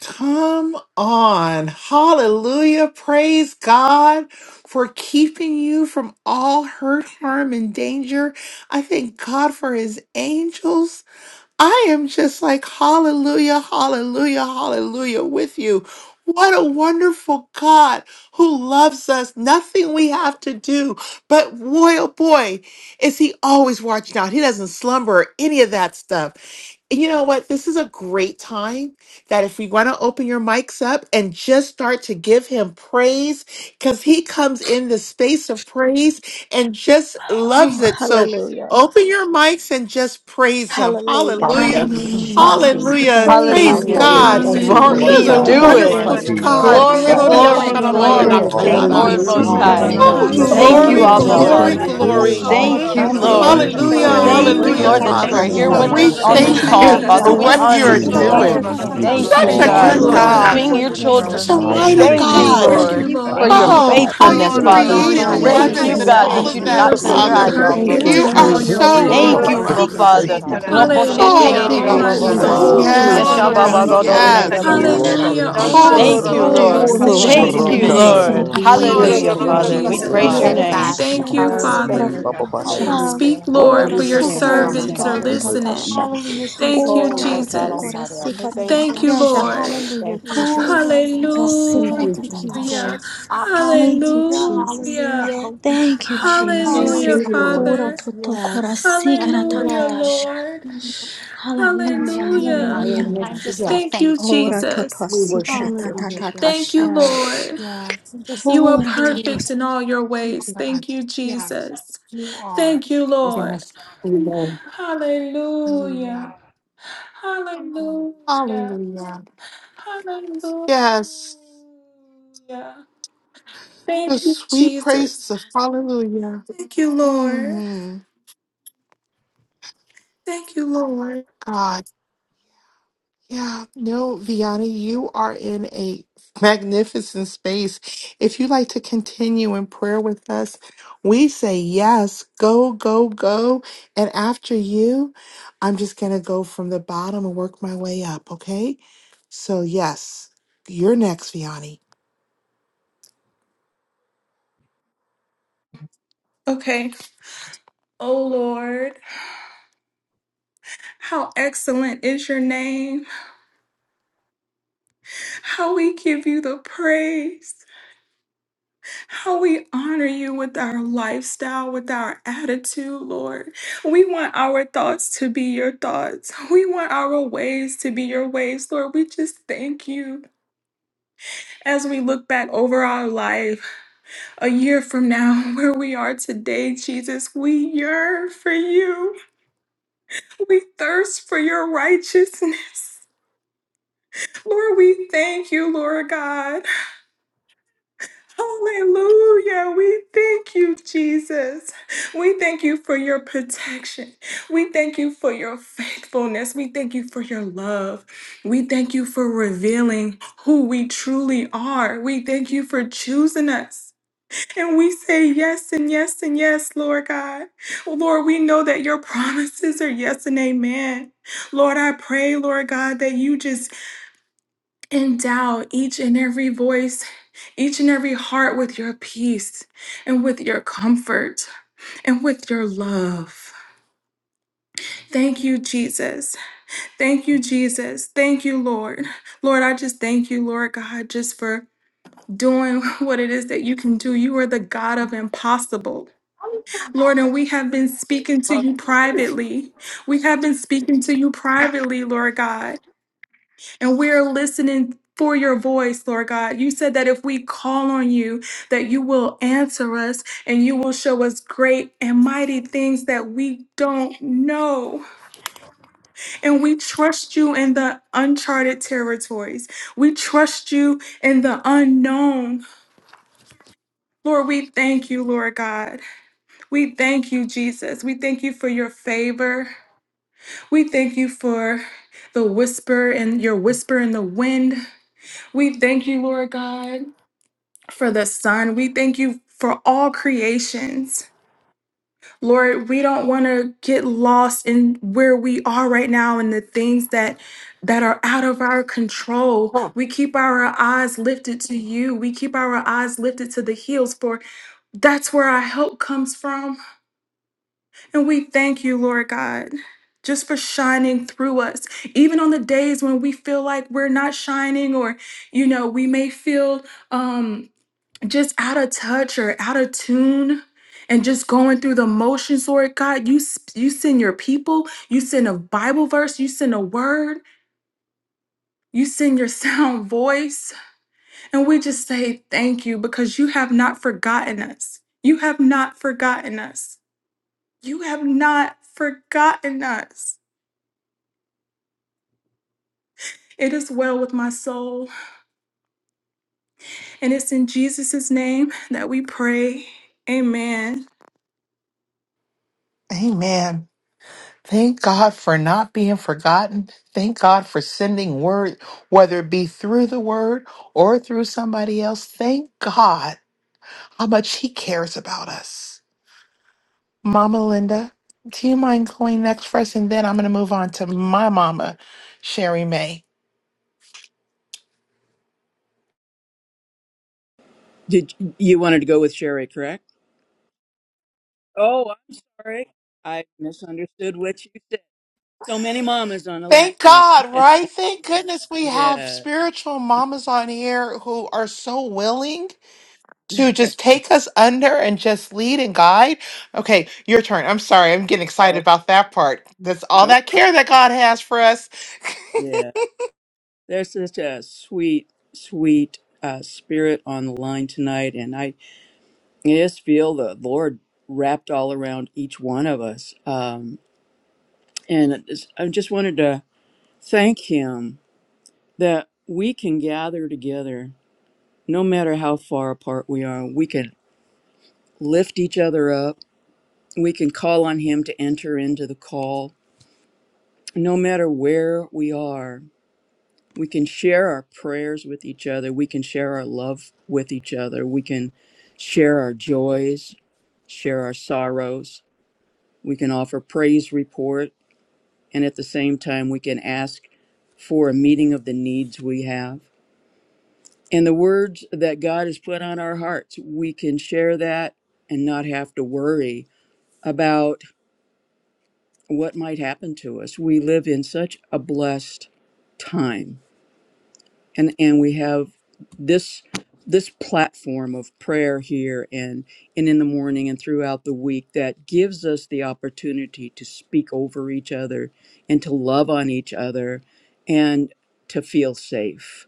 S2: Come on. Hallelujah. Praise God for keeping you from all hurt, harm, and danger. I thank God for his angels I am just like, hallelujah, hallelujah, hallelujah with you. What a wonderful God who loves us. Nothing we have to do. But boy, oh boy, is he always watching out. He doesn't slumber or any of that stuff you know what? This is a great time that if we want to open your mics up and just start to give him praise, because he comes in the space of praise and just
S9: Oh,
S2: loves it. So
S9: hallelujah.
S2: open your mics and just praise him.
S9: Hallelujah.
S2: Hallelujah.
S9: Thank
S10: Hallelujah.
S9: you,
S11: Hallelujah.
S5: Thank
S9: Jesus.
S5: you,
S10: Hallelujah.
S5: God,
S2: Hallelujah.
S5: for
S9: Praise
S5: who
S2: Praise
S12: Thank
S9: your
S12: you,
S13: Hallelujah,
S5: you
S9: holy
S10: Hallelujah.
S2: God.
S12: Jesus.
S13: Jesus.
S5: are.
S12: Thank
S10: Thank
S9: name.
S12: you
S10: you,
S12: for
S13: Won't
S12: the
S10: Lord
S2: There's
S13: he
S3: We
S12: goodness
S2: a
S9: We
S5: Exalt
S12: of
S3: give
S11: Hallelujah.
S12: who
S10: God.
S13: do
S5: you,
S3: all
S12: you
S9: worship
S13: it?
S12: are,
S3: glory
S2: wonderful
S5: God.
S10: Trust
S3: to
S9: you.
S10: you
S12: Heavenly
S3: you,
S10: know
S12: Father.
S2: God.
S3: Father.
S12: We
S13: Glory,
S12: love
S3: God.
S12: you
S5: Exalt
S10: exactly.
S12: so,
S5: the
S9: glorify
S13: glory,
S12: so,
S5: name
S9: your
S5: of
S12: so,
S5: the
S12: so
S9: name.
S6: You
S5: Lord.
S3: give
S10: You
S6: are
S12: much.
S13: glory
S10: have
S13: to
S3: all
S13: the
S10: never
S5: Thank
S9: We
S6: worthy,
S5: you,
S3: glory
S13: Lord
S12: shabbat
S9: give
S12: o
S9: you
S3: to
S12: go
S13: Most
S12: di
S10: relieved
S3: you in
S9: all
S3: the
S5: Jesus.
S9: the
S10: us
S13: High.
S6: Father.
S10: and
S3: name of
S10: never
S2: Oh,
S9: thanks.
S12: go
S3: Jesus.
S9: Ora
S13: Thank
S9: to
S6: We
S13: you,
S10: forsaken
S2: glory,
S12: Thank
S9: to
S12: you,
S10: us,
S3: Thank
S13: Abba
S3: you
S6: love
S12: Lord,
S10: Lord.
S11: Hallelujah.
S2: glory,
S12: for
S3: for
S9: sikara
S10: You
S6: you.
S12: who
S13: Father.
S9: ta
S12: you
S10: just
S2: glory.
S12: are.
S3: healing.
S5: We
S13: Thank
S5: love
S13: you,
S2: Mm,
S10: always
S5: you
S12: Thank you
S5: and
S9: Ora
S12: for
S5: we
S3: Thank
S9: to
S13: Lord.
S10: care
S12: the
S9: to
S3: you
S2: hallelujah,
S9: to
S5: praise
S9: to
S10: for
S5: you.
S3: for
S5: We
S3: your
S13: Thank
S10: us.
S12: protection.
S9: sikara
S13: you,
S12: Thank you
S9: ta
S2: hallelujah,
S5: worship
S12: for
S13: Lord,
S11: Hallelujah.
S5: you.
S12: your
S13: that you
S3: presence
S5: Thank
S3: in
S13: are
S2: Father.
S5: you
S6: We
S12: mercies.
S3: the
S13: here
S5: so
S12: Thank
S10: Yes,
S6: love
S13: with
S3: name
S12: you
S5: much
S3: of
S2: We
S6: you,
S12: for
S10: I
S13: us
S12: your
S5: for
S13: on this
S11: Thank
S2: thank
S12: love.
S10: thank
S6: Father.
S11: you,
S10: you,
S3: Jesus.
S13: call,
S9: Ora
S2: you
S5: protecting
S10: Lord
S9: to
S13: Father.
S2: for
S9: to
S10: God.
S13: We
S9: to
S5: Helen.
S2: what
S9: to
S11: Jesus.
S2: you
S13: honor
S2: are
S12: Thank
S3: We
S10: Even
S12: you,
S5: In
S13: you,
S9: sikara ta
S12: Lord,
S3: love
S13: God.
S3: you
S5: Jesus'
S12: for
S2: doing.
S3: and we
S10: in the
S5: name.
S3: give
S6: We're
S3: you
S13: Thank
S12: everything.
S10: midst
S6: so
S13: you,
S10: of
S2: Such
S5: In
S3: all
S2: a
S11: Thank you,
S10: all
S13: God,
S2: good
S6: loyal,
S5: Jesus'
S9: No
S12: Heavenly
S13: for
S3: praise
S10: things,
S5: name.
S6: Father.
S12: Father,
S9: weapon
S2: God,
S10: Lord.
S11: Lord.
S13: being
S12: you
S9: formed
S13: your
S12: are
S3: in the
S9: against us
S12: so
S13: children.
S2: such a
S9: shall
S10: Oh,
S3: mighty
S9: prosper.
S2: mighty
S10: Lord,
S12: amazing.
S13: Thank
S10: we
S9: We
S13: you,
S3: name,
S14: Yes,
S10: need
S2: God.
S10: you.
S14: Lord.
S11: Thank
S3: Father.
S6: Mhm.
S9: worship
S11: you,
S3: Thank
S13: Lord,
S9: you,
S4: Cosita
S13: for
S9: Father
S11: Lord.
S5: Thank
S13: your
S5: you,
S11: You
S10: Hallelujah.
S9: God.
S11: are
S2: Oh,
S3: you,
S5: God.
S4: so
S2: how
S9: We
S13: faithfulness,
S2: you've
S3: Jesus.
S4: no
S11: perfect
S6: Thank
S4: no
S11: in
S9: adore
S6: you,
S10: Distracted.
S13: Father.
S9: you.
S4: no
S11: all
S9: We
S14: So
S2: created
S14: I
S11: your
S2: the
S9: give you our
S14: thank
S4: cosita
S13: Thank
S10: Oh,
S5: We
S6: Jesus.
S13: you,
S2: heavens and
S14: you.
S11: ways.
S9: highest
S14: I
S10: oh,
S4: na
S13: God,
S4: na
S5: love
S14: thank
S2: all
S4: na
S13: that
S10: not
S9: praise.
S13: you
S2: of
S13: do
S5: you
S11: You
S5: for
S13: not
S11: are
S14: you.
S2: that,
S10: the
S13: take
S12: Thank
S13: your
S11: so
S12: you,
S2: Father.
S9: Hallelujah,
S13: eyes
S4: casata
S13: off
S6: Thank
S13: of
S5: your.
S11: perfect
S6: you,
S12: Jesus.
S10: Hallelujah.
S13: us,
S2: You
S9: hallelujah.
S4: na
S11: in
S4: na
S2: are
S9: Ora
S11: all
S14: for
S13: Lord.
S9: to
S3: Thank
S11: your
S6: Jesus.
S14: this.
S2: so
S9: to
S3: you,
S4: so
S12: Thank
S2: good
S4: no
S10: Go
S13: Thank
S12: you
S9: kora
S4: no
S14: I
S13: you,
S10: to
S2: to
S12: for
S4: no
S3: Father.
S11: ways.
S13: Abba
S14: thank
S10: you,
S14: you
S2: us.
S9: sikara
S12: everything.
S3: Thank
S10: Lord
S9: ta
S13: Father.
S3: you,
S4: cosita
S14: for
S12: you
S10: God.
S4: na na
S14: this.
S10: You
S12: do.
S14: I'm
S4: na
S14: so
S10: are,
S3: Jesus.
S11: Hallelujah.
S2: Oh,
S11: All
S4: sata
S2: thank you,
S3: Oh,
S11: my
S4: na
S12: Thank
S10: you
S14: thankful,
S4: na
S12: you,
S10: are.
S4: na
S6: Thank
S14: Lord.
S2: Jesus.
S6: you,
S12: Jesus.
S11: soul
S9: Ora
S11: will
S9: to
S4: so
S9: to
S13: Yes,
S2: Yes,
S6: Jesus.
S12: shabbat
S13: y'all,
S4: no
S12: o
S9: kora
S4: no
S11: sing.
S12: go
S13: Baba,
S10: Hallelujah.
S2: yes,
S12: di
S4: no
S13: go,
S9: sikara
S13: do,
S14: Thankful
S13: do,
S3: no.
S9: ta
S13: do,
S10: And
S12: di
S4: cosata
S14: that
S13: go,
S10: you
S4: di
S2: yes.
S4: di
S13: Baba,
S4: na
S14: you
S13: go,
S10: wash
S3: Lord,
S4: na
S10: us
S11: Hallelujah.
S12: Heavenly
S13: shoto.
S4: da
S11: All
S3: this
S12: Father,
S10: white.
S11: my
S2: Oh, the
S4: so
S12: thank
S13: Thank
S12: you,
S4: na,
S13: you,
S3: time.
S4: no
S10: as
S4: no
S2: glory
S10: snow.
S12: Lord.
S11: soul
S2: is
S4: no
S11: will
S13: Lord.
S2: in
S9: Ora
S14: are
S10: Oh
S11: sing.
S4: casata
S6: Glory.
S9: shata
S4: di
S13: Thank
S2: your
S4: di
S10: God,
S9: kara
S4: na
S13: you,
S3: Rosha
S10: I
S14: continuing
S3: da
S4: na
S3: da
S10: thank
S2: name.
S14: to
S3: da
S9: sikara
S13: Lord.
S10: you.
S3: da.
S10: I
S11: We
S4: so
S6: You're
S14: be
S4: no
S12: Yes,
S9: tatasha.
S4: no
S13: Hallelujah,
S11: thank
S10: thank
S12: Lord,
S4: no
S11: you,
S10: you. I
S13: Father.
S12: thank
S13: We
S4: cosata
S6: glorious,
S12: you.
S10: thank
S2: Oh,
S4: na
S13: praise
S10: you.
S2: your
S11: Jesus.
S13: your
S3: Rosha.
S10: I
S4: na na
S6: Father.
S10: thank
S9: Ora
S4: na
S13: name.
S3: Ba
S14: steadfast
S3: ba
S14: and
S9: shata
S11: Thank
S3: ba.
S2: protection,
S11: you,
S9: kara
S4: pray
S14: follow with
S4: oh
S9: sikara
S10: thank
S3: See.
S14: your
S11: Father.
S3: Ba
S10: you.
S3: ba ba da
S2: your
S9: tatasha.
S4: God
S3: da.
S14: arms
S2: love.
S14: with
S11: Speak,
S10: Hallelujah.
S14: Lord.
S6: You're
S3: Thank you,
S11: Lord,
S9: Ora
S11: for
S6: always
S10: Hallelujah.
S14: In
S11: your
S2: So
S9: toto
S6: there,
S14: Jesus'
S9: kara
S2: good.
S14: name,
S10: Glorious
S11: servants
S6: Father.
S14: I
S3: in
S9: sikara
S11: are
S3: the
S10: Father.
S3: name of
S11: listening.
S10: Um,
S3: Jesus.
S9: tatasha.
S14: thank you
S2: Hallelujah,
S14: for your
S11: Thank
S14: wisdom.
S11: you,
S2: Jesus.
S10: oh
S9: Ora
S14: I
S10: Lord
S2: Yes.
S9: toto
S10: God
S14: thank you
S11: Jesus.
S9: kara
S10: Almighty,
S14: for
S10: I
S14: the
S9: sikara
S14: wisdom
S10: thank
S14: that you've
S11: Thank you,
S10: you.
S14: given
S2: Yes.
S14: me
S9: tatasha.
S10: Thank you.
S11: Lord.
S2: Hallelujah,
S14: for
S10: Thank
S14: these
S10: you. sir.
S9: Ora
S2: Jesus.
S9: toto
S14: children.
S9: kara
S14: Thank
S6: Thank
S9: sikara
S6: you,
S2: Thank you,
S14: you
S6: Jesus.
S14: for
S9: tatasha.
S11: Hallelujah.
S2: Jesus.
S14: options.
S9: Thank you,
S2: Hallelujah.
S9: Jesus.
S14: The
S11: Hallelujah.
S2: Hallelujah.
S14: hope that you
S9: Thank
S14: bring
S9: you,
S14: my living
S6: Thank
S9: Jesus.
S11: Hallelujah,
S6: you,
S14: alongside
S2: Hallelujah,
S6: Lord.
S9: Ora
S11: Father.
S2: Jesus.
S9: toto kara
S2: Yes.
S14: what
S9: sikara
S14: you are
S11: Hallelujah,
S2: Yes.
S9: tatasha.
S11: Lord.
S14: doing.
S9: Hallelujah,
S14: And
S11: Hallelujah.
S6: I
S2: Hallelujah.
S9: hallelujah.
S6: am
S14: I'm
S2: Yes.
S6: lifted
S14: just so
S6: up.
S11: Thank you,
S9: Ora
S14: thankful.
S11: Jesus.
S9: toto
S6: We
S9: sikara
S6: worship you.
S2: Hallelujah.
S11: Thank
S2: Yes.
S11: you,
S9: tatasha.
S2: Yes.
S11: Lord.
S2: Yes.
S14: Just
S11: You are
S9: Ora toto
S14: be
S11: perfect in all your
S2: Thank
S14: more
S11: ways.
S2: you, God.
S11: Thank you,
S2: Yes.
S11: Jesus.
S2: You are.
S11: Thank you, Lord.
S6: Yes, we know.
S2: Hallelujah.
S11: Hallelujah. Hallelujah.
S2: Hallelujah.
S11: Hallelujah.
S2: Yes. The
S11: Thank you,
S2: sweet praises
S11: Jesus.
S2: of hallelujah.
S11: Thank you, Lord.
S2: hmm
S11: Thank you, Lord.
S2: God. Yeah, no, Viana, you are in a magnificent space. If you'd like to continue in prayer with us, we say yes, go, go, go. And after you, I'm just going to go from the bottom and work my way up, okay? So, yes, you're next, Vianney.
S11: Okay. Oh, Lord, how excellent is your name. How we give you the praise. how we honor you with our lifestyle, with our attitude, Lord. We want our thoughts to be your thoughts. We want our ways to be your ways, Lord. We just thank you as we look back over our life a year from now, where we are today, Jesus. We yearn for you, we thirst for your righteousness. Lord, we thank you, Lord God. Hallelujah. We thank you, Jesus. We thank you for your protection. We thank you for your faithfulness. We thank you for your love. We thank you for revealing who we truly are. We thank you for choosing us. And we say yes and yes and yes, Lord God. Lord, we know that your promises are yes and amen. Lord, I pray, Lord God, that you just Endow each and every voice, each and every heart with your peace and with your comfort and with your love. Thank you, Jesus. Thank you, Jesus. Thank you, Lord. Lord, I just thank you, Lord God, just for doing what it is that you can do. You are the God of impossible. Lord, and we have been speaking to you privately. We have been speaking to you privately, Lord God. And we're listening for your voice, Lord God. You said that if we call on you, that you will answer us and you will show us great and mighty things that we don't know. And we trust you in the uncharted territories. We trust you in the unknown. Lord, we thank you, Lord God. We thank you, Jesus. We thank you for your favor. We thank you for the whisper and your whisper in the wind. We thank you, Lord God for the sun. We thank you for all creations. Lord, we don't want to get lost in where we are right now and the things that that are out of our control.
S12: Oh.
S11: We keep our eyes lifted to you. We keep our eyes lifted to the hills for that's where our help comes from. And we thank you, Lord God. Just for shining through us, even on the days when we feel like we're not shining, or you know, we may feel um, just out of touch or out of tune and just going through the motions lord god you s- you send your people you send a bible verse you send a word you send your sound voice and we just say thank you because you have not forgotten us you have not forgotten us you have not forgotten us it is well with my soul and it's in jesus' name that we pray amen
S2: Amen. Thank God for not being forgotten. Thank God for sending word, whether it be through the word or through somebody else. Thank God how much he cares about us. Mama Linda, do you mind going next for us? And then I'm going to move on to my mama, Sherry May.
S15: Did you wanted to go with Sherry, correct? Oh, I'm sorry. I misunderstood what you said. So many mamas on the line
S2: Thank
S15: here.
S2: God, right? Thank goodness we have
S15: Yeah.
S2: spiritual mamas on here who are so willing to just take us under and just lead and guide. Okay, your turn. I'm sorry. I'm getting excited
S15: oh,
S2: about that part. That's all
S15: nope.
S2: that care that God has for us.
S15: Yeah. There's such a sweet, sweet uh, spirit on the line tonight. And I just feel the Lord wrapped all around each one of us. Um, and it is- I just wanted to thank Him that we can gather together no matter how far apart we are. We can lift each other up. We can call on Him to enter into the call. No matter where we are, we can share our prayers with each other. We can share our love with each other. We can share our joys, share our sorrows. We can offer praise report. And at the same time, we can ask for a meeting of the needs we have. And the words that God has put on our hearts, we can share that and not have to worry about what might happen to us. We live in such a blessed time and and we have this this platform of prayer here and and in the morning and throughout the week that gives us the opportunity to speak over each other and to love on each other and to feel safe.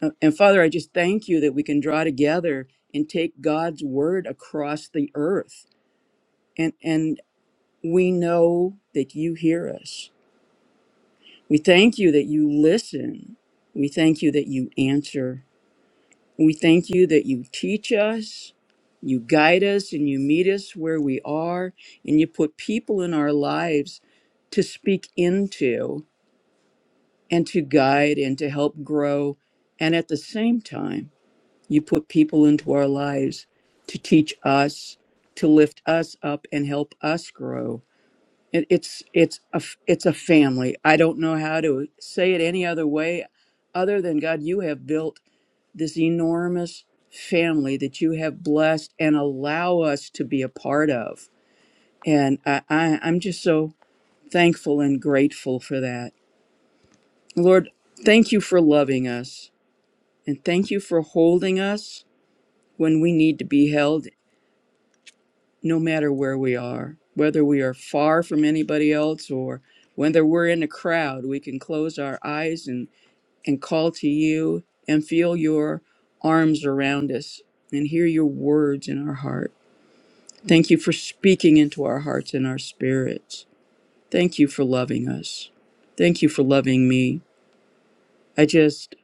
S15: Uh, And Father, I just thank you that we can draw together and take God's word across the earth. And and we know that you hear us We thank you that you listen. We thank you that you answer. We thank you that you teach us, you guide us, and you meet us where we are, and you put people in our lives to speak into and to guide and to help grow. And at the same time, you put people into our lives to teach us, to lift us up, and help us grow. It, it's it's a f- it's a family. I don't know how to say it any other way, other than God, you have built this enormous family that you have blessed and allow us to be a part of. And I, I I'm just so thankful and grateful for that, Lord. Thank you for loving us, and thank you for holding us when we need to be held, no matter where we are, whether we are far from anybody else or whether we're in a crowd, we can close our eyes and, and call to you and feel your arms around us and hear your words in our heart. Thank you for speaking into our hearts and our spirits. Thank you for loving us. Thank you for loving me. I just,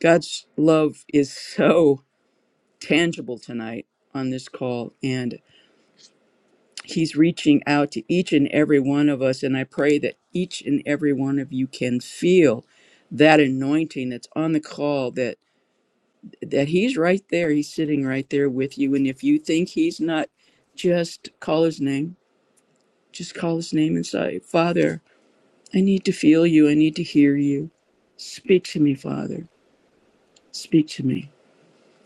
S15: God's love is so tangible tonight on this call. and. He's reaching out to each and every one of us. And I pray that each and every one of you can feel that anointing that's on the call that that he's right there he's sitting right there with you and if you think he's not just call his name just call his name and say father i need to feel you i need to hear you speak to me father speak to me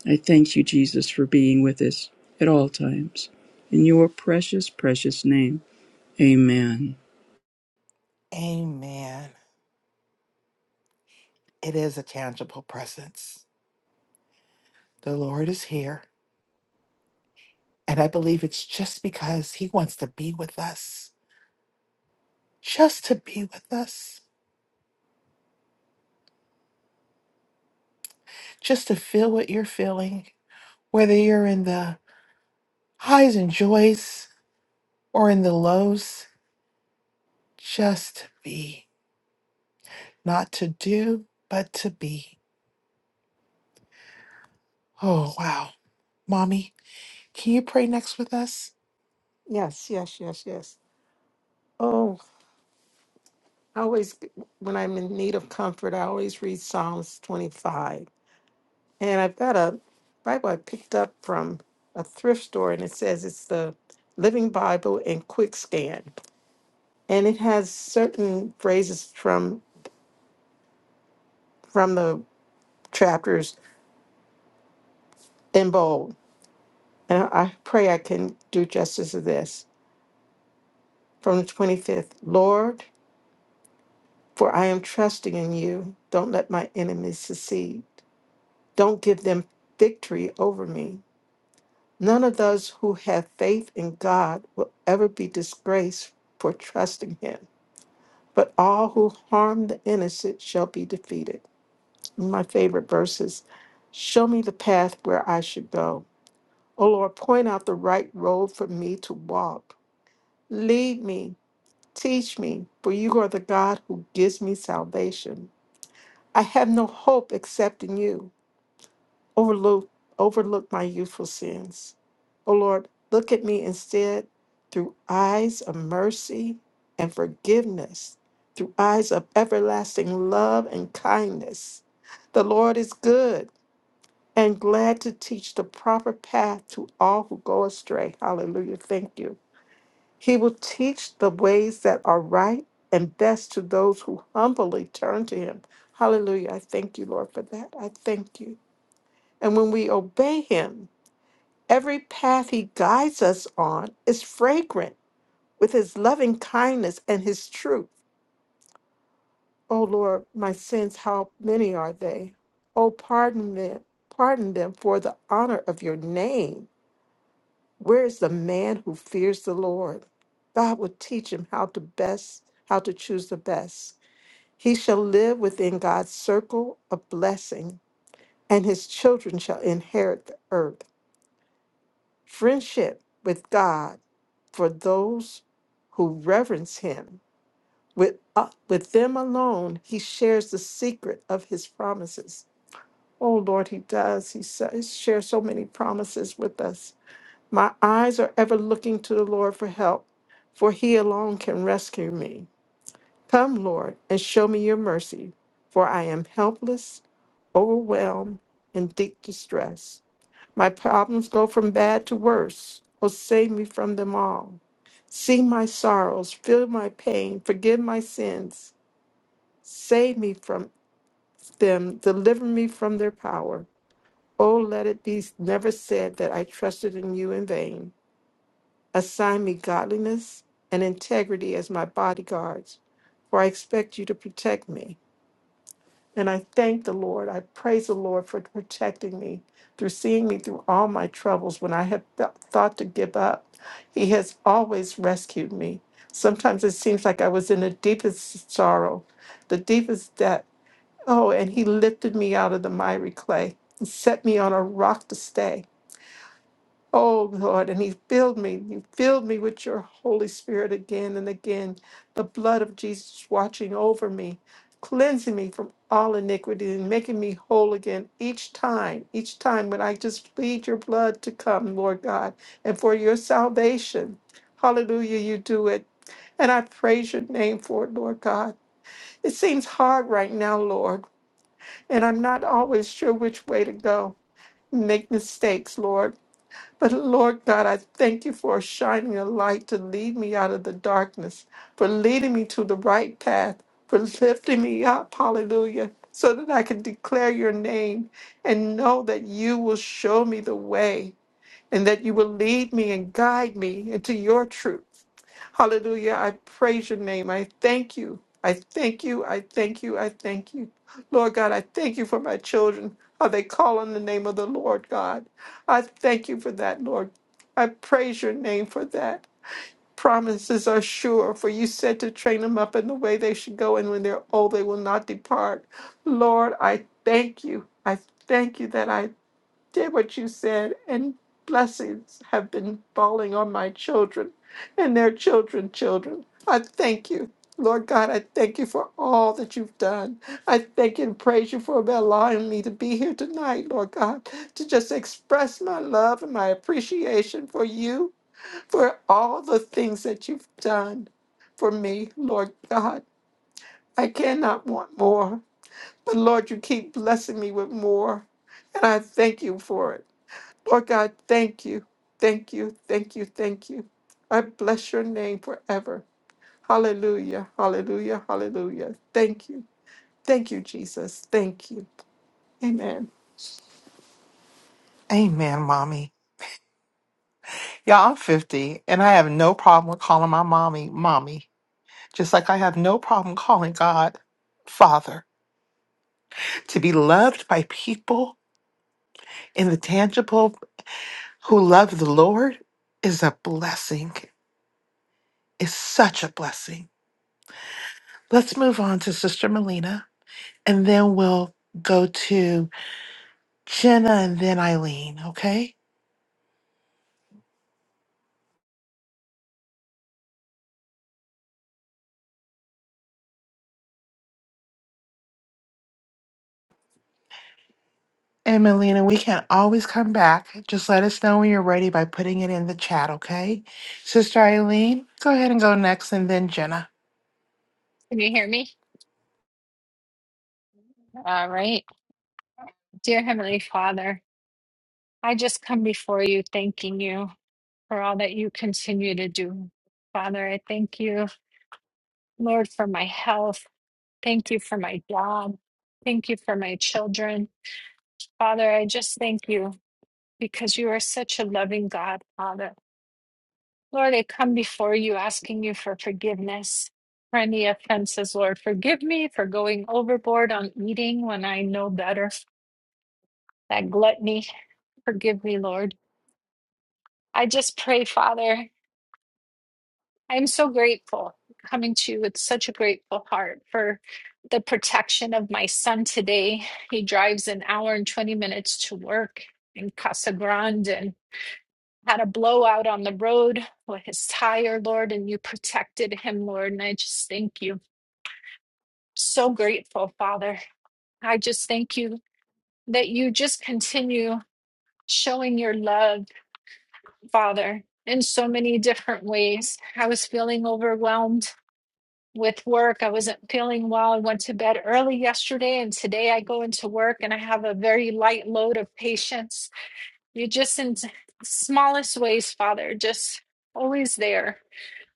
S15: i thank you jesus for being with us at all times in your precious precious name amen
S2: Amen. It is a tangible presence. The Lord is here. And I believe it's just because He wants to be with us, just to be with us, just to feel what you're feeling, whether you're in the highs and joys or in the lows, just to be, not to do, but to be. Oh, wow. Mommy, can you pray next with us?
S10: Yes, yes, yes, yes. Oh, I always, when I'm in need of comfort, I always read Psalms 25. And I've got a Bible I picked up from a thrift store, and it says it's the Living Bible in Quick Scan, and it has certain phrases from from the chapters in bold. And I I pray I can do justice to this from the twenty fifth. Lord, for I am trusting in you. Don't let my enemies succeed. Don't give them victory over me. None of those who have faith in God will ever be disgraced for trusting Him. but all who harm the innocent shall be defeated. My favorite verses Show me the path where I should go. O Lord, point out the right road for me to walk. Lead me, teach me, for you are the God who gives me salvation. I have no hope except in you. Overlook, overlook my youthful sins. O Lord, look at me instead through eyes of mercy and forgiveness, through eyes of everlasting love and kindness. The Lord is good and glad to teach the proper path to all who go astray. Hallelujah. Thank you. He will teach the ways that are right and best to those who humbly turn to Him. Hallelujah. I thank you, Lord, for that. I thank you. And when we obey Him, Every path he guides us on is fragrant with his loving kindness and his truth. O Lord, my sins, how many are they? O, pardon them, pardon them for the honor of your name. Where is the man who fears the Lord? God will teach him how to best, how to choose the best. He shall live within God's circle of blessing, and his children shall inherit the earth. friendship with God for those who reverence him. With, uh, with them alone, he shares the secret of his promises. Oh Lord, he does. He sa- he shares so many promises with us. My eyes are ever looking to the Lord for help, for he alone can rescue me. Come, Lord, and show me your mercy, for I am helpless, overwhelmed, in deep distress. My problems go from bad to worse. Oh, save me from them all. See my sorrows, feel my pain, forgive my sins. Save me from them, deliver me from their power. Oh, let it be never said that I trusted in you in vain. Assign me godliness and integrity as my bodyguards, for I expect you to protect me. And I thank the Lord. I praise the Lord for protecting me through seeing me through all my troubles when I have th- thought to give up. He has always rescued me. Sometimes it seems like I was in the deepest sorrow, the deepest debt. Oh, and He lifted me out of the miry clay and set me on a rock to stay. Oh Lord, and He filled me. You filled me with your Holy Spirit again and again. The blood of Jesus watching over me, cleansing me from all iniquity and making me whole again each time, each time when I just plead your blood to come, Lord God, and for your salvation. Hallelujah, you do it. And I praise your name for it, Lord God. It seems hard right now, Lord, and I'm not always sure which way to go. Make mistakes, Lord. But Lord God, I thank you for shining a light to lead me out of the darkness, for leading me to the right path, for lifting me up, hallelujah, so that I can declare your name and know that you will show me the way and that you will lead me and guide me into your truth. Hallelujah. I praise your name. I thank you. I thank you. I thank you. I thank you. Lord God, I thank you for my children. How they call on the name of the Lord God. I thank you for that, Lord. I praise your name for that. Promises are sure, for you said to train them up in the way they should go, and when they're old, they will not depart. Lord, I thank you. I thank you that I did what you said, and blessings have been falling on my children and their children, children. I thank you. Lord God, I thank you for all that you've done. I thank you and praise you for allowing me to be here tonight, Lord God, to just express my love and my appreciation for you, for all the things that you've done for me, Lord God. I cannot want more, but Lord, you keep blessing me with more, and I thank you for it. Lord God, thank you. Thank you. Thank you. Thank you. I bless your name forever. Hallelujah. Hallelujah. Hallelujah. Thank you. Thank you, Jesus. Thank you. Amen.
S2: Amen, mommy. Y'all, I'm 50 and I have no problem with calling my mommy, mommy, just like I have no problem calling God, Father, to be loved by people And the tangible who love the Lord is a blessing, is such a blessing. Let's move on to Sister Melina, and then we'll go to Jenna and then Eileen, okay? And Melina, we can always come back. Just let us know when you're ready by putting it in the chat, okay? Sister Eileen, go ahead and go next, and then Jenna.
S16: Can you hear me? All right. Dear Heavenly Father, I just come before you thanking you for all that you continue to do. Father, I thank you, Lord, for my health. Thank you for my job. Thank you for my children. Father, I just thank you because you are such a loving God, Father. Lord, I come before you asking you for forgiveness for any offenses, Lord. Forgive me for going overboard on eating when I know better, that gluttony. Forgive me, Lord. I just pray, Father, I'm so grateful coming to you with such a grateful heart for the protection of my son today. He drives an hour and 20 minutes to work in Casa Grande and had a blowout on the road with his tire, Lord, and you protected him, Lord. And I just thank you. So grateful, Father. I just thank you that you just continue showing your love, Father, in so many different ways. I was feeling overwhelmed with work. I wasn't feeling well. I went to bed early yesterday, and today I go into work and I have a very light load of patients. You're just in the smallest ways, Father, just always there,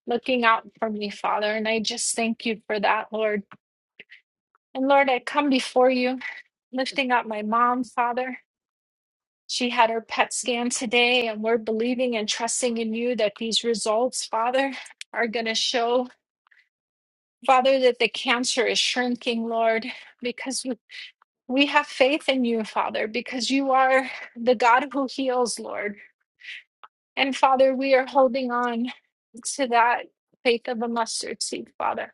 S16: looking out for me, Father. And I just thank you for that, Lord. And Lord, I come before you, lifting up my mom, Father. She had her PET scan today, and we're believing and trusting in you that these results, Father, are going to show, Father, that the cancer is shrinking, Lord, because we We have faith in you, Father, because you are the God who heals, Lord. And Father, we are holding on to that faith of a mustard seed, Father.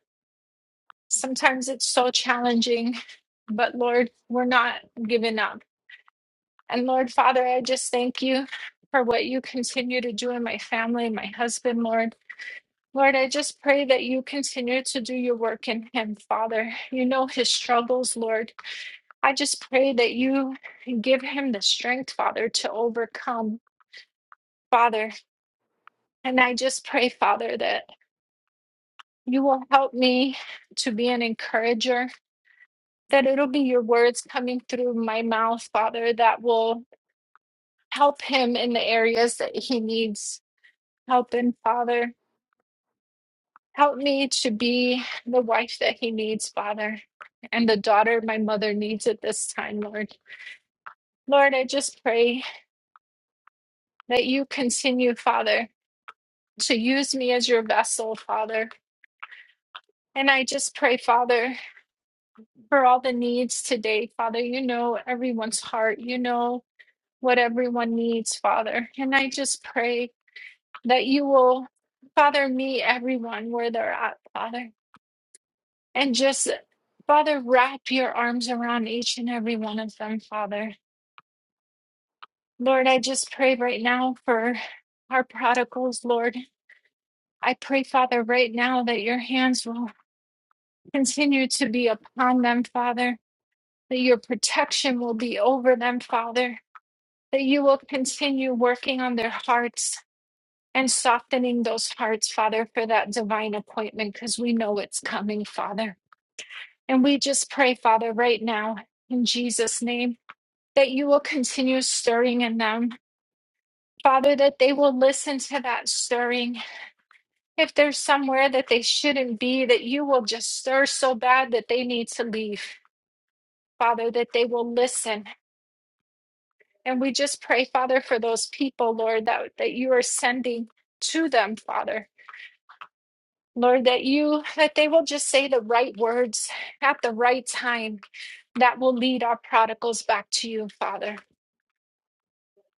S16: Sometimes it's so challenging, but Lord, we're not giving up. And Lord, Father, I just thank you for what you continue to do in my family, my husband, Lord. Lord, I just pray that you continue to do your work in him, Father. You know his struggles, Lord. I just pray that you give him the strength, Father, to overcome, Father. And I just pray, Father, that you will help me to be an encourager, that it'll be your words coming through my mouth, Father, that will help him in the areas that he needs help in, Father. Help me to be the wife that he needs, Father, and the daughter my mother needs at this time, Lord. Lord, I just pray that you continue, Father. to use me as your vessel, Father. And I just pray, Father, for all the needs today, Father. You know everyone's heart, you know what everyone needs, Father. And I just pray that you will, Father, meet everyone where they're at, Father. And just, Father, wrap your arms around each and every one of them, Father. Lord, I just pray right now for our prodigals, Lord. I pray, Father, right now that your hands will continue to be upon them, Father. that your protection will be over them, Father, that you will continue working on their hearts and softening those hearts, Father, for that divine appointment, because we know it's coming, Father. And we just pray, Father, right now, in Jesus' name, that you will continue stirring in them. Father, that they will listen to that stirring. If there's somewhere that they shouldn't be, that you will just stir so bad that they need to leave. Father, that they will listen And we just pray, Father, for those people, Lord, that, that you are sending to them, Father. Lord, that you that they will just say the right words at the right time that will lead our prodigals back to you, Father.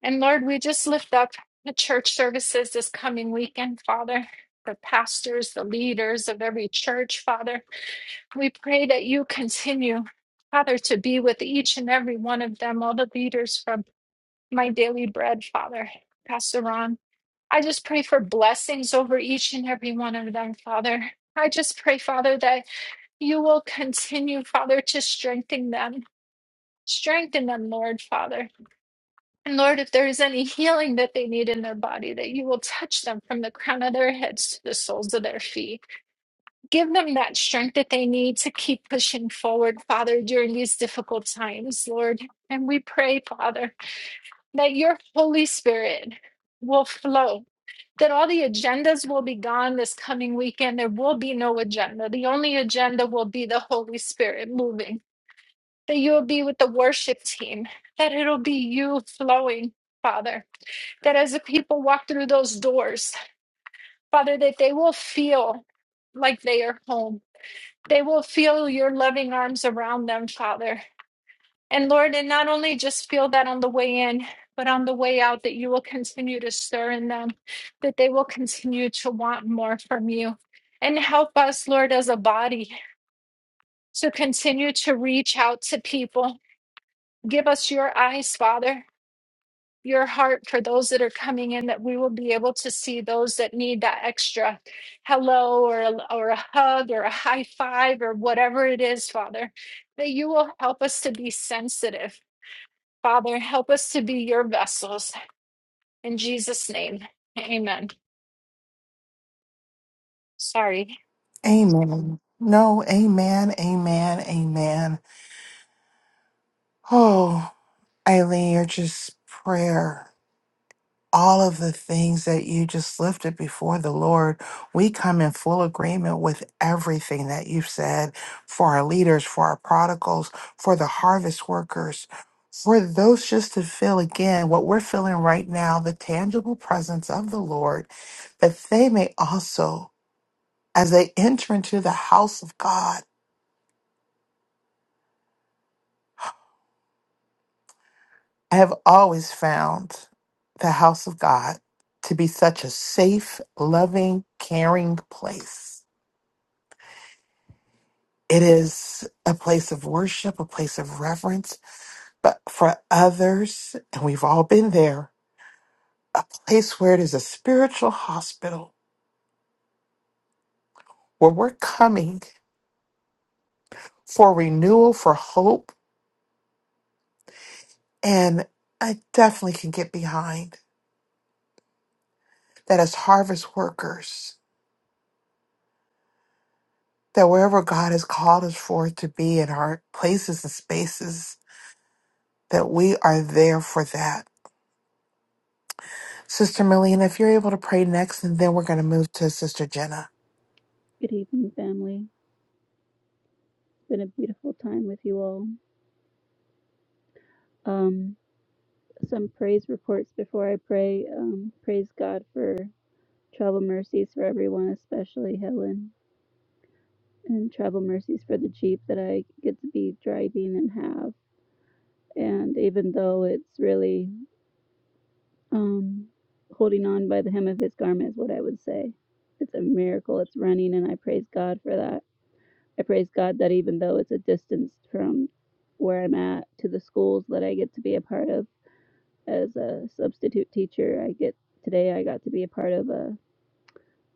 S16: And Lord, we just lift up the church services this coming weekend, Father. The pastors, the leaders of every church, Father. We pray that you continue, Father, to be with each and every one of them, all the leaders from my daily bread, Father. Pastor Ron, I just pray for blessings over each and every one of them, Father. I just pray, Father, that you will continue, Father, to strengthen them. Strengthen them, Lord, Father. And Lord, if there is any healing that they need in their body, that you will touch them from the crown of their heads to the soles of their feet. Give them that strength that they need to keep pushing forward, Father, during these difficult times, Lord. And we pray, Father that your Holy Spirit will flow, that all the agendas will be gone this coming weekend. There will be no agenda. The only agenda will be the Holy Spirit moving, that you'll be with the worship team, that it'll be you flowing. Father, that as the people walk through those doors, Father, that they will feel like they are home. They will feel your loving arms around them, Father. And Lord, and not only just feel that on the way in, but on the way out, that you will continue to stir in them, that they will continue to want more from you. And help us, Lord, as a body to continue to reach out to people. Give us your eyes, Father, your heart for those that are coming in, that we will be able to see those that need that extra hello or, a- or a hug or a high five or whatever it is, Father, that you will help us to be sensitive Father, help us to be your vessels. In Jesus' name, amen. Sorry.
S2: Amen. No, amen, amen, amen. Oh, Eileen, you're just prayer. all of the things that you just lifted before the Lord. We come in full agreement with everything that you've said for our leaders, for our prodigals, for the harvest workers, for those just to feel again what we're feeling right now the tangible presence of the Lord, that they may also, as they enter into the house of God, I have always found the house of God to be such a safe, loving, caring place It is a place of worship, a place of reverence, but for others, and we've all been there, a place where it is a spiritual hospital where we're coming for renewal, for hope. And I definitely can get behind that as harvest workers, that wherever God has called us for to be in our places and spaces, that we are there for that. Sister Melina, if you're able to pray next, and then we're going to move to Sister Jenna.
S17: Good evening, family. It's Been a beautiful time with you all. Um, some praise reports before I pray. Um, praise God for travel mercies for everyone, especially Helen, and travel mercies for the Jeep that I get to be driving and have. And even though it's really um, holding on by the hem of his garment, is what I would say. It's a miracle. It's running, and I praise God for that. I praise God that even though it's a distance from where I'm at to the schools that I get to be a part of, as a substitute teacher. I get today I got to be a part of a,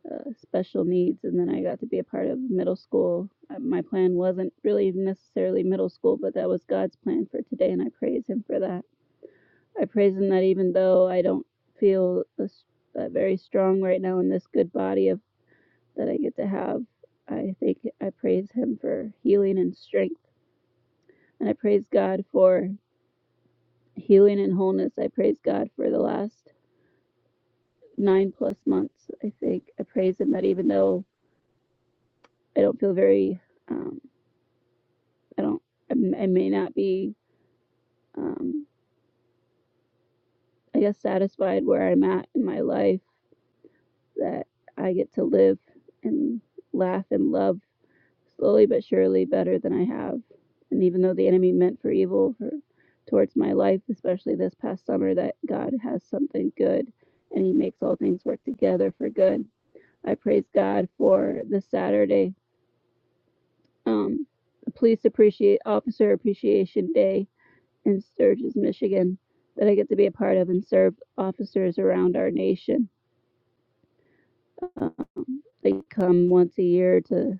S17: a special needs, and then I got to be a part of middle school. Uh, My plan wasn't really necessarily middle school, but that was God's plan for today, and I praise Him for that. I praise Him that even though I don't feel this, uh, very strong right now in this good body of that I get to have, I think I praise Him for healing and strength, and I praise God for healing and wholeness. I praise God for the last nine plus months, I think. I praise Him that even though I don't feel very, um, I don't, I, I may not be, um, I guess, satisfied where I'm at in my life, that I get to live and laugh and love slowly but surely better than I have. And even though the enemy meant for evil for, towards my life, especially this past summer, that God has something good and He makes all things work together for good. I praise God for this Saturday um, Police Appreciate Officer Appreciation Day in Sturgis, Michigan, that I get to be a part of and serve officers around our nation. Um, they come once a year to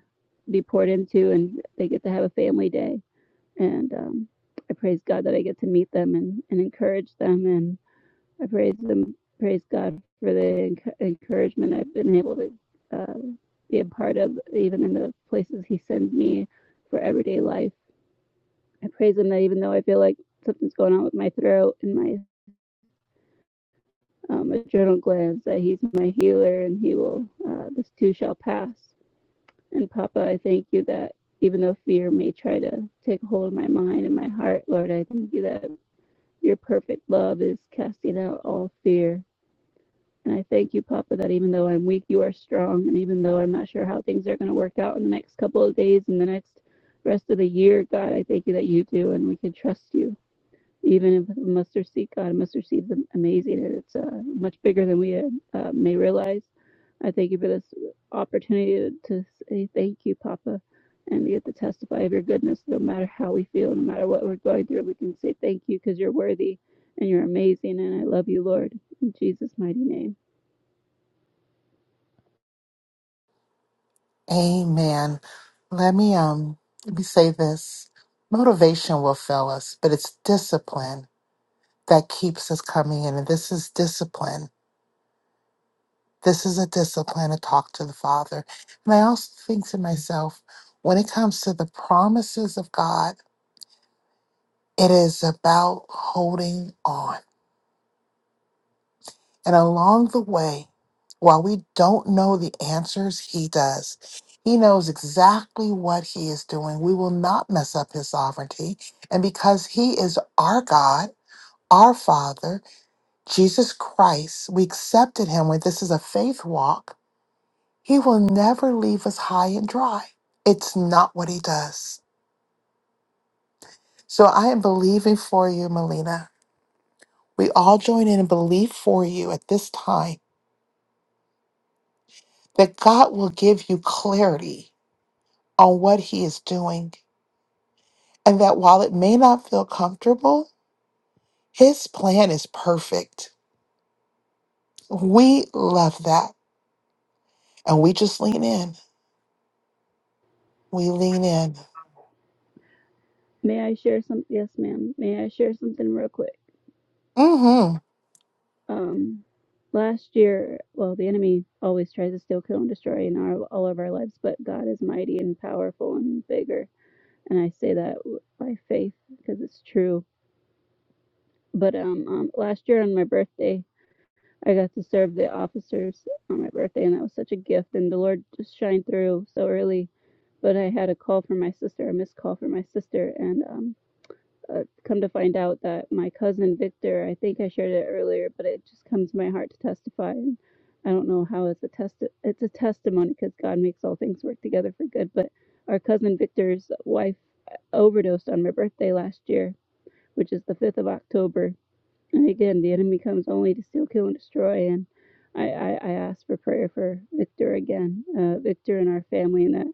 S17: be poured into, and they get to have a family day. And um, I praise God that I get to meet them and, and encourage them, and I praise them, praise God for the enc- encouragement I've been able to uh, be a part of, even in the places He sends me for everyday life. I praise him that even though I feel like something's going on with my throat and my um, adrenal glands, that he's my healer and he will, uh, this too shall pass. And Papa, I thank you that even though fear may try to take hold of my mind and my heart, Lord, I thank you that your perfect love is casting out all fear. And I thank you, Papa, that even though I'm weak, you are strong. And even though I'm not sure how things are going to work out in the next couple of days and the next rest of the year, God, I thank you that you do and we can trust you. even with mustard seed. God, mustard seed's am- amazing, and it's uh, much bigger than we uh, uh, may realize. I thank you for this opportunity to, to say thank you, Papa, and to get to testify of your goodness. No matter how we feel, no matter what we're going through, we can say thank you because you're worthy and you're amazing, and I love you, Lord. In Jesus' mighty name.
S2: Amen. Let me um let me say this. Motivation will fail us, but it's discipline that keeps us coming in. And this is discipline. This is a discipline to talk to the Father. And I also think to myself, when it comes to the promises of God, it is about holding on. And along the way, while we don't know the answers, He does. He knows exactly what He is doing. We will not mess up His sovereignty. And because He is our God, our Father, Jesus Christ, we accepted Him when this is a faith walk. He will never leave us high and dry. It's not what He does. So I am believing for you, Melina. We all join in and believe for you at this time that God will give you clarity on what he is doing, and that while it may not feel comfortable, his plan is perfect. We love that. And we just lean in. We lean in.
S17: May I share some? Yes, ma'am. May I share something real quick?
S2: Mm-hmm.
S17: um last year well the enemy always tries to steal kill and destroy in our, all of our lives but god is mighty and powerful and bigger and i say that w- by faith because it's true but um, um last year on my birthday i got to serve the officers on my birthday and that was such a gift and the lord just shined through so early but i had a call from my sister a missed call from my sister and um uh, come to find out that my cousin Victor, I think I shared it earlier, but it just comes to my heart to testify. And I don't know how it's a test. It's a testimony because God makes all things work together for good. But our cousin Victor's wife overdosed on my birthday last year, which is the 5th of October and again, the enemy comes only to steal, kill, and destroy. And I, I, I ask for prayer for Victor again, uh, Victor and our family, and that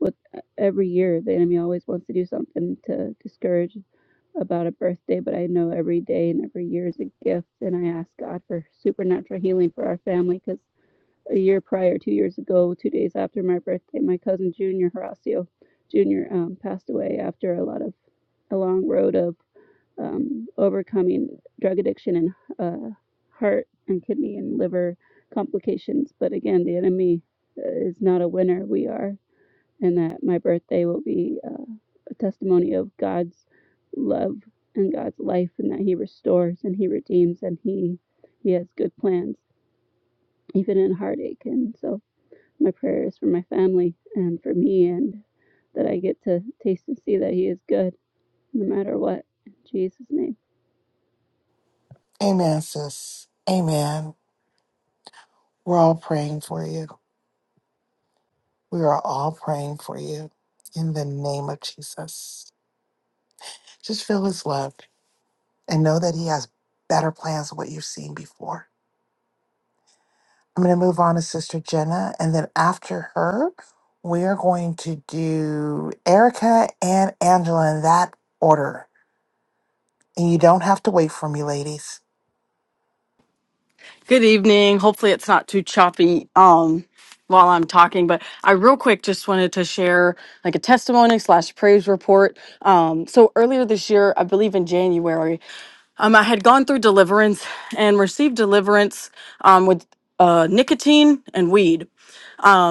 S17: with uh, every year, the enemy always wants to do something to discourage about a birthday. But I know every day and every year is a gift, and I ask God for supernatural healing for our family because a year prior, two years ago, two days after my birthday, my cousin Junior Horacio Junior um, passed away after a lot of a long road of um, overcoming drug addiction and uh, heart and kidney and liver complications. But again, the enemy uh, is not a winner. We are. And that my birthday will be uh, a testimony of God's love and God's life, and that He restores and He redeems and He He has good plans, even in heartache. And so my prayer is for my family and for me, and that I get to taste and see that He is good no matter what. In Jesus' name.
S2: Amen, sis. Amen. We're all praying for you. We are all praying for you in the name of Jesus. Just feel his love and know that he has better plans than what you've seen before. I'm going to move on to Sister Jenna, and then after her, we are going to do Erica and Angela in that order. And you don't have to wait for me, ladies.
S13: Good evening. Hopefully, it's not too choppy um, while I'm talking, but I real quick just wanted to share like a testimony slash praise report. Um, so earlier this year, I believe in January, um, I had gone through deliverance and received deliverance um, with uh, nicotine and weed.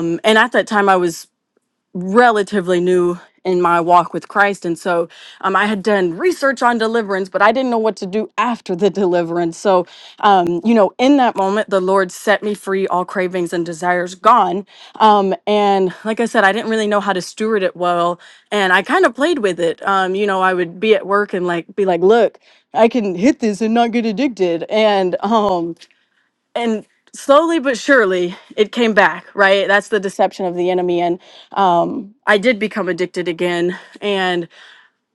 S13: And at that time, I was relatively new in my walk with Christ. And so um, I had done research on deliverance, but I didn't know what to do after the deliverance. So, um, you know, in that moment, the Lord set me free, all cravings and desires gone. Um, and like I said, I didn't really know how to steward it well. And I kind of played with it. Um, you know, I would be at work and like be like, look, I can hit this and not get addicted. And, um, and slowly but surely it came back right that's the deception of the enemy and um, i did become addicted again and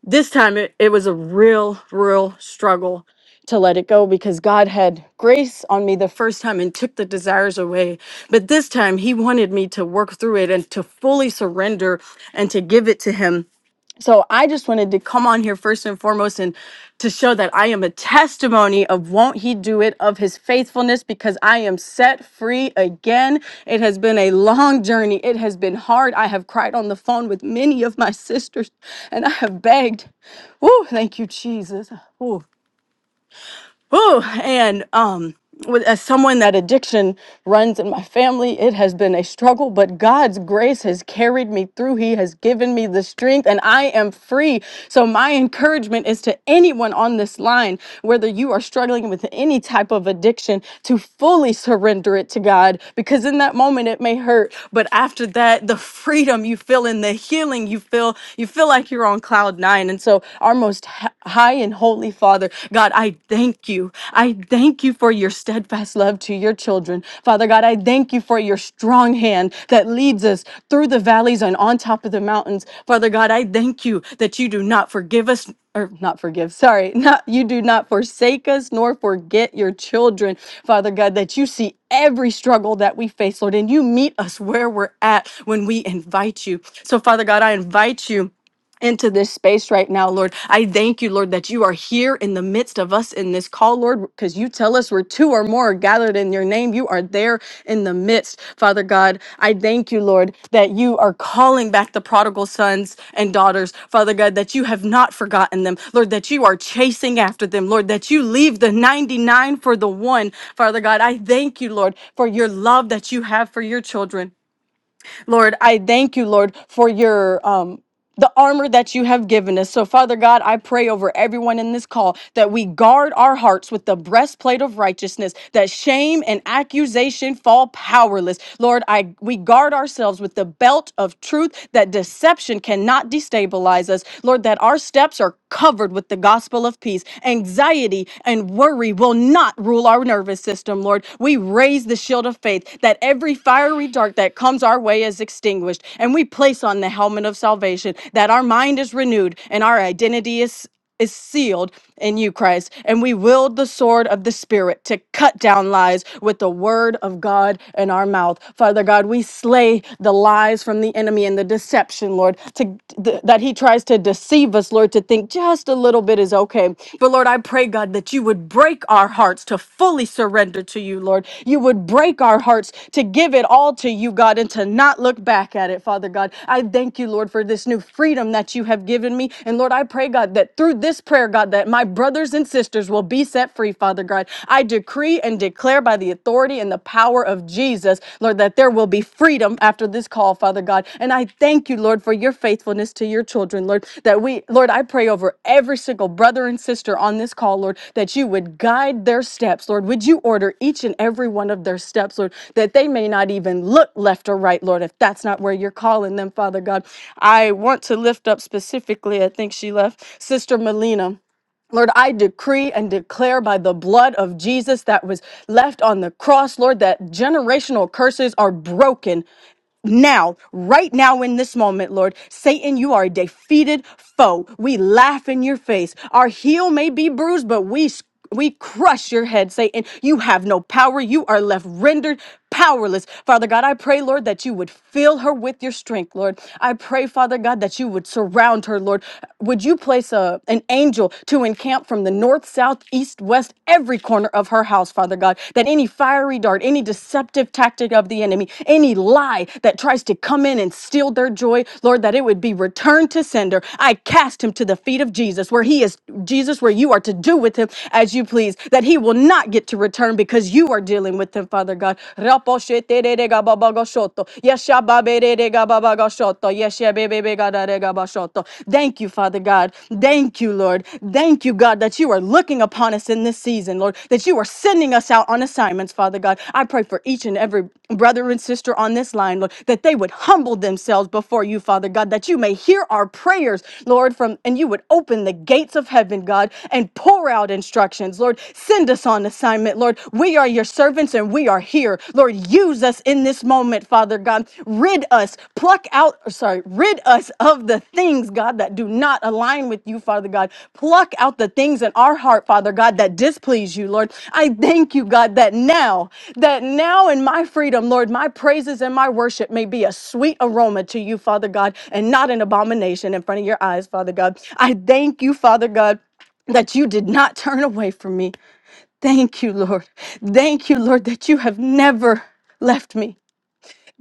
S13: this time it, it was a real real struggle to let it go because god had grace on me the first time and took the desires away but this time he wanted me to work through it and to fully surrender and to give it to him so I just wanted to come on here first and foremost and to show that I am a testimony of won't he do it of his faithfulness because I am set free again. It has been a long journey. It has been hard. I have cried on the phone with many of my sisters and I have begged. Oh, thank you, Jesus. Ooh, and um, with, as someone that addiction runs in my family, it has been a struggle, but God's grace has carried me through. He has given me the strength, and I am free. So, my encouragement is to anyone on this line, whether you are struggling with any type of addiction, to fully surrender it to God, because in that moment it may hurt, but after that, that the freedom you feel in the healing you feel you feel like you're on cloud nine and so our most h- high and holy father god i thank you i thank you for your steadfast love to your children father god i thank you for your strong hand that leads us through the valleys and on top of the mountains father god i thank you that you do not forgive us or not forgive, sorry, not you do not forsake us nor forget your children, Father God, that you see every struggle that we face, Lord, and you meet us where we're at when we invite you. So, Father God, I invite you into this space right now, Lord. I thank you, Lord, that you are here in the midst of us in this call, Lord, because you tell us we're two or more are gathered in your name. You are there in the midst. Father God, I thank you, Lord, that you are calling back the prodigal sons and daughters. Father God, that you have not forgotten them. Lord, that you are chasing after them. Lord, that you leave the 99 for the one. Father God, I thank you, Lord, for your love that you have for your children. Lord, I thank you, Lord, for your um the armor that you have given us. So, Father God, I pray over everyone in this call that we guard our hearts with the breastplate of righteousness, that shame and accusation fall powerless. Lord, I we guard ourselves with the belt of truth that deception cannot destabilize us. Lord, Lord, that our steps are covered with the gospel of peace. Anxiety and worry will not rule our nervous system, Lord. We raise the shield of faith that every fiery dart that comes our way is extinguished. And we place on the helmet of salvation that our mind is renewed and our identity is is sealed in you, Christ. And we wield the sword of the Spirit to cut down lies with the word of God in our mouth. Father God, we slay the lies from the enemy and the deception, Lord, to, th- that he tries to deceive us, Lord, to think just a little bit is okay. But Lord, I pray, God, that you would break our hearts to fully surrender to you, Lord. You would break our hearts to give it all to you, God, and to not look back at it, Father God. I thank you, Lord, for this new freedom that you have given me. And Lord, I pray, God, that through this prayer, God, that my brothers and sisters will be set free, Father God. I decree and declare by the authority and the power of Jesus, Lord, that there will be freedom after this call, Father God. And I thank you, Lord, for your faithfulness to your children, Lord, that we, Lord, I pray over every single brother and sister on this call, Lord, that you would guide their steps, Lord. Would you order each and every one of their steps, Lord, that they may not even look left or right, Lord, if that's not where you're calling them, Father God. I want to lift up specifically, I think she left, Sister Melina. Lord, I decree and declare by the blood of Jesus that was left on the cross, Lord, that generational curses are broken now, right now in this moment, Lord, Satan, you are a defeated foe. We laugh in your face. Our heel may be bruised, but we we crush your head, Satan. You have no power. You are left rendered powerless. Father God, I pray, Lord, that you would fill her with your strength, Lord. I pray, Father God, that you would surround her, Lord. Would you place a, an angel to encamp from the north, south, east, west, every corner of her house, Father God, that any fiery dart, any deceptive tactic of the enemy, any lie that tries to come in and steal their joy, Lord, that it would be returned to sender. I cast him to the feet of Jesus, where he is, Jesus, where you are to do with him as you please, that he will not get to return because you are dealing with him, Father God. Raposhetereregababagoshoto, yeshababereregababagoshoto, yeshebebebegaregabashoto. Thank you, Father God. Thank you, Lord. Thank you, God, that you are looking upon us in this season, Lord, that you are sending us out on assignments, Father God. I pray for each and and every brother and sister on this line, Lord, that they would humble themselves before you, Father God, that you may hear our prayers, Lord, from and you would open the gates of heaven, God, and pour out instructions, Lord. Send us on assignment, Lord. We are your servants and we are here. Lord, use us in this moment, Father God. Rid us, pluck out, or sorry, rid us of the things, God, that do not align with you, Father God. Pluck out the things in our heart, Father God, that displease you, Lord. I thank you, God, that now that now in my freedom, Lord, my praises and my worship may be a sweet aroma to you, Father God, and not an abomination in front of your eyes, Father God. I thank you, Father God. That you did not turn away from me. Thank you, Lord. Thank you, Lord, that you have never left me.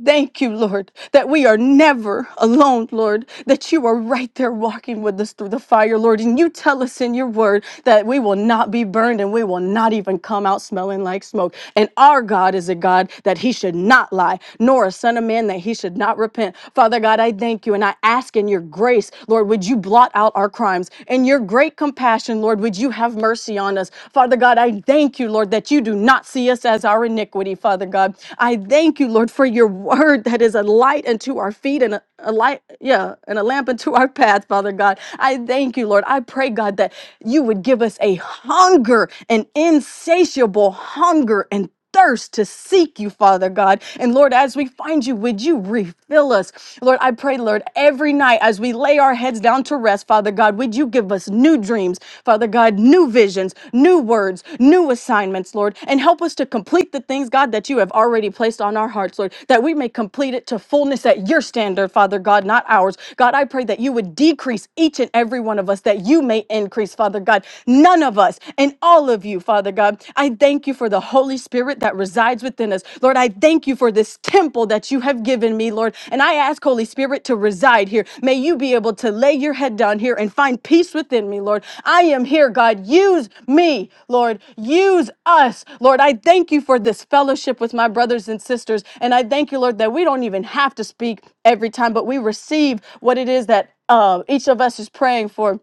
S13: Thank you, Lord, that we are never alone, Lord, that you are right there walking with us through the fire, Lord. And you tell us in your word that we will not be burned and we will not even come out smelling like smoke. And our God is a God that he should not lie, nor a son of man that he should not repent. Father God, I thank you and I ask in your grace, Lord, would you blot out our crimes? In your great compassion, Lord, would you have mercy on us? us. Father God, I thank you, Lord, that you do not see us as our iniquity, Father God. I thank you, Lord, for your word that is a light unto our feet and a, a light, yeah, and a lamp unto our path, Father God. I thank you, Lord. I pray, God, that you would give us a hunger, an insatiable hunger and thirst to seek you, Father God. And Lord, as we find you, would you refill us? Lord, I pray, Lord, every night as we lay our heads down to rest, Father God, would you give us new dreams, Father God, new visions, new words, new assignments, Lord, and help us to complete the things, God, that you have already placed on our hearts, Lord, that we may complete it to fullness at your standard, Father God, not ours. God, I pray that you would decrease each and every one of us, that you may increase, Father God. None of us in and all of you, Father God. I thank you for the Holy Spirit that resides within us. Lord, I thank you for this temple that you have given me, Lord. And I ask, Holy Spirit, to reside here. May you be able to lay your head down here and find peace within me, Lord. I am here, God. Use me, Lord. Use us, Lord. I thank you for this fellowship with my brothers and sisters. And I thank you, Lord, that we don't even have to speak every time, but we receive what it is that uh, each of us is praying for.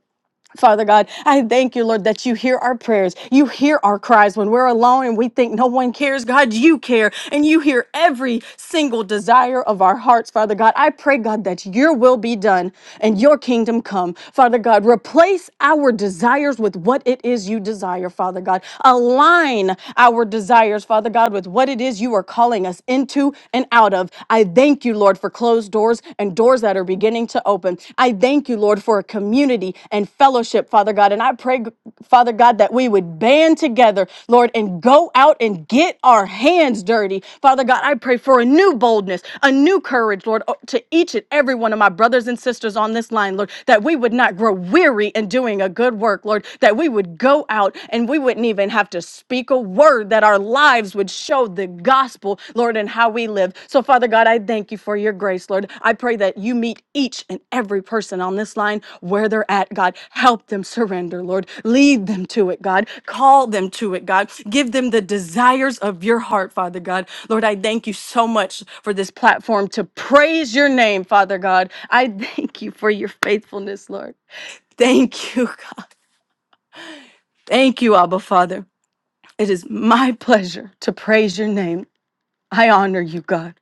S13: Father God, I thank you, Lord, that you hear our prayers. You hear our cries when we're alone and we think no one cares. God, you care and you hear every single desire of our hearts, Father God. I pray, God, that your will be done and your kingdom come. Father God, replace our desires with what it is you desire, Father God. Align our desires, Father God, with what it is you are calling us into and out of. I thank you, Lord. Lord, for closed doors and doors that are beginning to open. I thank you, Lord, for a community and fellowship, Father God. And I pray, Father God, that we would band together, Lord, and go out and get our hands dirty. Father God, I pray for a new boldness, a new courage, Lord, oh, to each and every one of my brothers and sisters on this line, Lord, that we would not grow weary in doing a good work, Lord, that we would go out and we wouldn't even have to speak a word that our lives would show the gospel, Lord, and how we live. So, Father God, I thank you for your grace, Lord. I pray that you meet each and every person on this line where they're at, God. Help them surrender, Lord. Lead them to it, God. Call them to it, God. Give them the desires of your heart, Father God. Lord, I thank you so much for this platform to praise your name, Father God. I thank you for your faithfulness, Lord. Thank you, God. Thank you, Abba Father. It is my pleasure to praise your name. I honor you, God.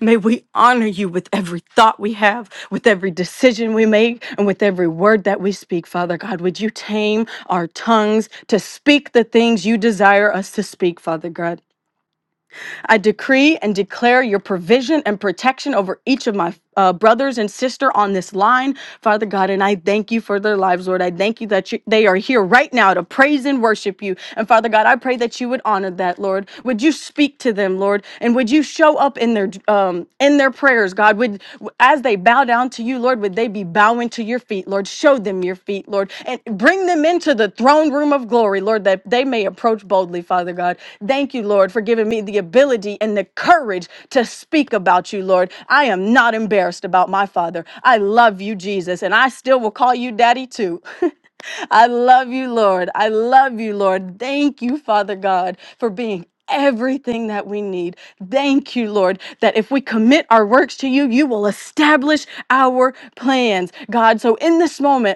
S13: May we honor you with every thought we have, with every decision we make, and with every word that we speak, Father God. Would you tame our tongues to speak the things you desire us to speak, Father God? I decree and declare your provision and protection over each of my uh, brothers and sister on this line, Father God. And I thank you for their lives, Lord. I thank you that you, they are here right now to praise and worship you. And Father God, I pray that you would honor that, Lord. Would you speak to them, Lord, and would you show up in their um, in their prayers, God? Would as they bow down to you, Lord, would they be bowing to your feet, Lord? Show them your feet, Lord, and bring them into the throne room of glory, Lord, that they may approach boldly, Father God. Thank you, Lord, for giving me the ability and the courage to speak about you, Lord. I am not embarrassed about my Father. I love you, Jesus, and I still will call you Daddy too. I love you, Lord. I love you, Lord. Thank you, Father God, for being everything that we need. Thank you, Lord, that if we commit our works to you, you will establish our plans. God, so in this moment,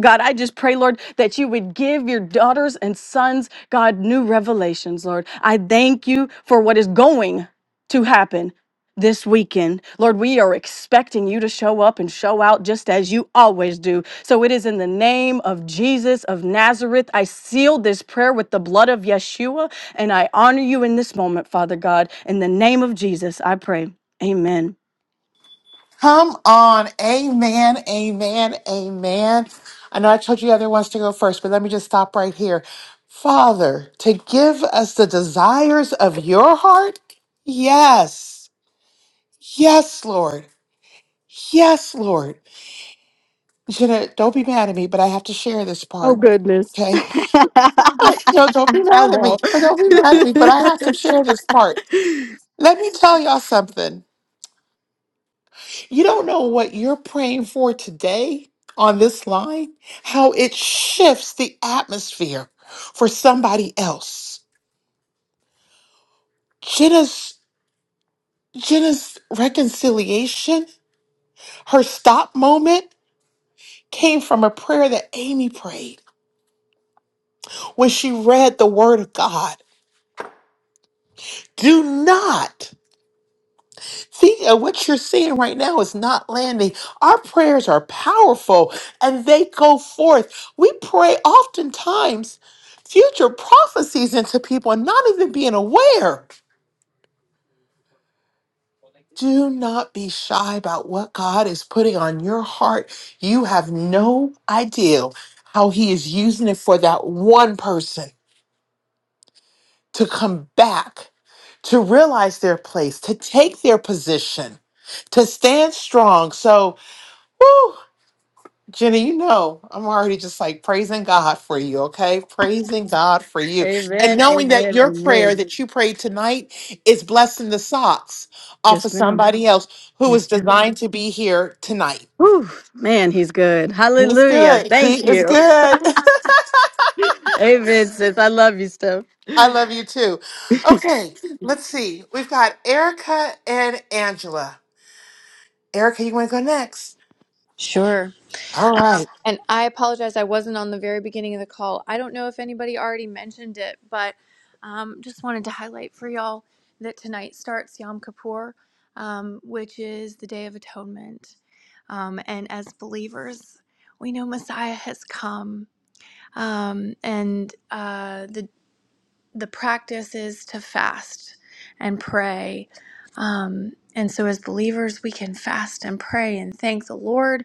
S13: God, I just pray, Lord, that you would give your daughters and sons, God, new revelations, Lord. I thank you for what is going to happen this weekend. Lord, we are expecting you to show up and show out just as you always do. So it is in the name of Jesus of Nazareth. I seal this prayer with the blood of Yeshua, and I honor you in this moment, Father God. In the name of Jesus, I pray. Amen.
S2: Come on. Amen. Amen. Amen. I know I told you the other ones to go first, but let me just stop right here. Father, to give us the desires of your heart? Yes. Yes, Lord. Yes, Lord. Jenna, don't be mad at me, but I have to share this
S13: Oh,
S2: part.
S13: goodness.
S2: Okay. No, don't be
S13: I
S2: mad at me.
S13: won't.
S2: But don't be mad at me. But I have to share this part. Let me tell y'all something. You don't know what you're praying for today on this line, how it shifts the atmosphere for somebody else. Jenna's Jenna's reconciliation, her stop moment came from a prayer that Amy prayed when she read the word of God. Do not See, uh, what you're seeing right now is not landing. Our prayers are powerful and they go forth. We pray oftentimes future prophecies into people and not even being aware. Do not be shy about what God is putting on your heart. You have no idea how He is using it for that one person to come back, to realize their place, to take their position, to stand strong. So, whew, Jenny, you know, I'm already just like praising God for you, okay? Praising God for you. And
S13: Amen.
S2: knowing that
S13: Amen.
S2: your prayer
S13: Amen.
S2: that you prayed tonight is blessing the socks off
S13: Yes,
S2: of
S13: ma'am.
S2: somebody else who is
S13: Yes, ma'am.
S2: designed to be here tonight.
S13: Whew, man, he's good.
S2: He's
S13: Hallelujah.
S2: good.
S13: Thank
S2: He is
S13: you.
S2: good.
S13: Amen, sis. I love you, Steph.
S2: I love you too. Okay, let's see. We've got Erica and Angela. Erica, you want to go next?
S18: Sure.
S2: All right.
S18: And I apologize, I wasn't on the very beginning of the call. I don't know if anybody already mentioned it, but um, just wanted to highlight for y'all that tonight starts Yom Kippur, um, which is the Day of Atonement. Um, and as believers, we know Messiah has come, um, and uh, the the practice is to fast and pray. Um, and so, as believers, we can fast and pray and thank the Lord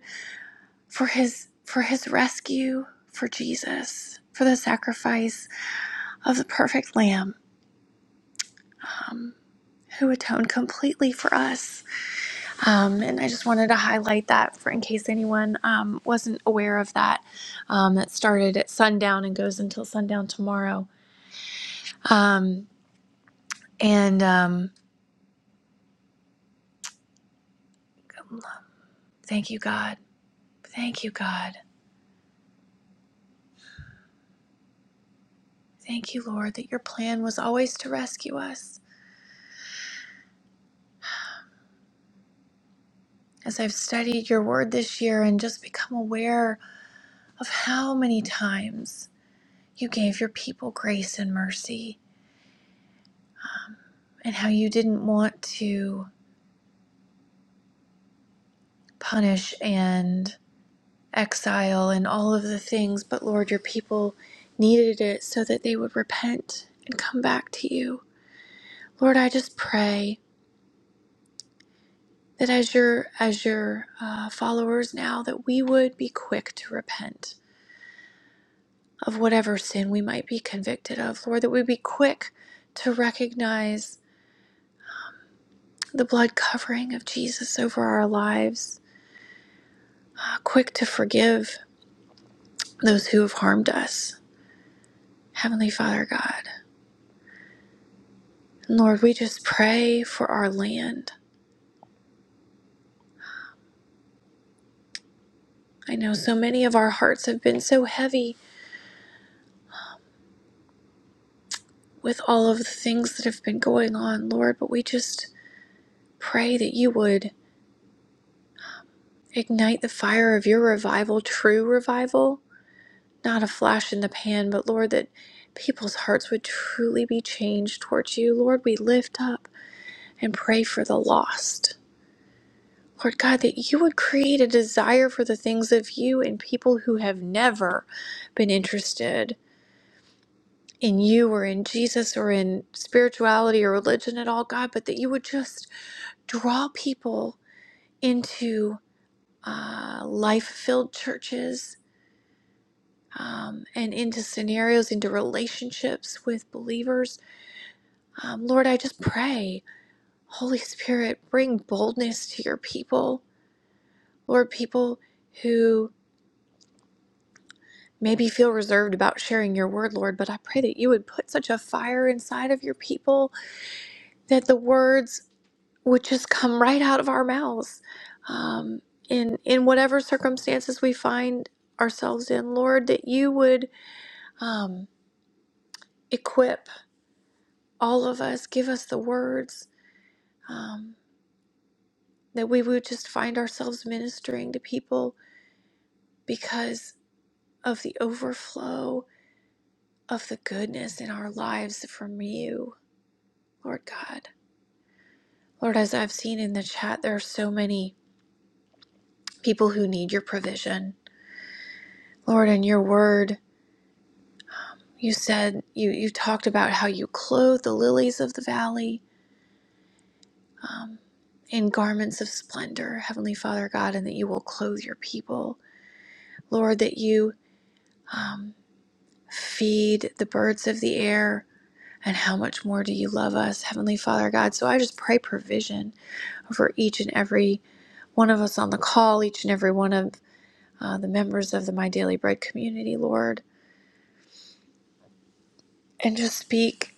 S18: for his for his rescue for Jesus for the sacrifice of the perfect lamb who atoned completely for us um, and I just wanted to highlight that for in case anyone um, wasn't aware of that um, that started at sundown and goes until sundown tomorrow um, and um, thank you God thank you God thank you Lord that your plan was always to rescue us as I've studied your word this year and just become aware of how many times you gave your people grace and mercy, and how you didn't want to punish and exile and all of the things, but Lord, your people needed it so that they would repent and come back to you. Lord, I just pray that as your as your uh, followers now, that we would be quick to repent of whatever sin we might be convicted of. Lord, that we be quick to recognize the blood covering of Jesus over our lives, uh, quick to forgive those who have harmed us. Heavenly Father God, Lord, we just pray for our land. I know so many of our hearts have been so heavy with all of the things that have been going on, Lord, but we just pray that you would ignite the fire of your revival, true revival, not a flash in the pan, but Lord, that people's hearts would truly be changed towards you. Lord, we lift up and pray for the lost Lord God, that you would create a desire for the things of you in people who have never been interested in you or in Jesus or in spirituality or religion at all, God, but that you would just draw people into uh, life filled churches. Um, and into scenarios, into relationships with believers. Um, Lord, I just pray, Holy Spirit, bring boldness to your people. Lord, people who maybe feel reserved about sharing your word, Lord, but I pray that you would put such a fire inside of your people that the words would just come right out of our mouths um, in, in whatever circumstances we find ourselves in, Lord, that you would um, equip all of us, give us the words, um, that we would just find ourselves ministering to people because of the overflow of the goodness in our lives from you, Lord God. Lord, as I've seen in the chat, there are so many people who need your provision. Lord, in your word, you said, you, you talked about how you clothe the lilies of the valley um, in garments of splendor, Heavenly Father God, and that you will clothe your people. Lord, that you um, feed the birds of the air. And how much more do you love us, Heavenly Father God? So I just pray provision over each and every one of us on the call, each and every one of uh, the members of the My Daily Bread community, Lord, and just speak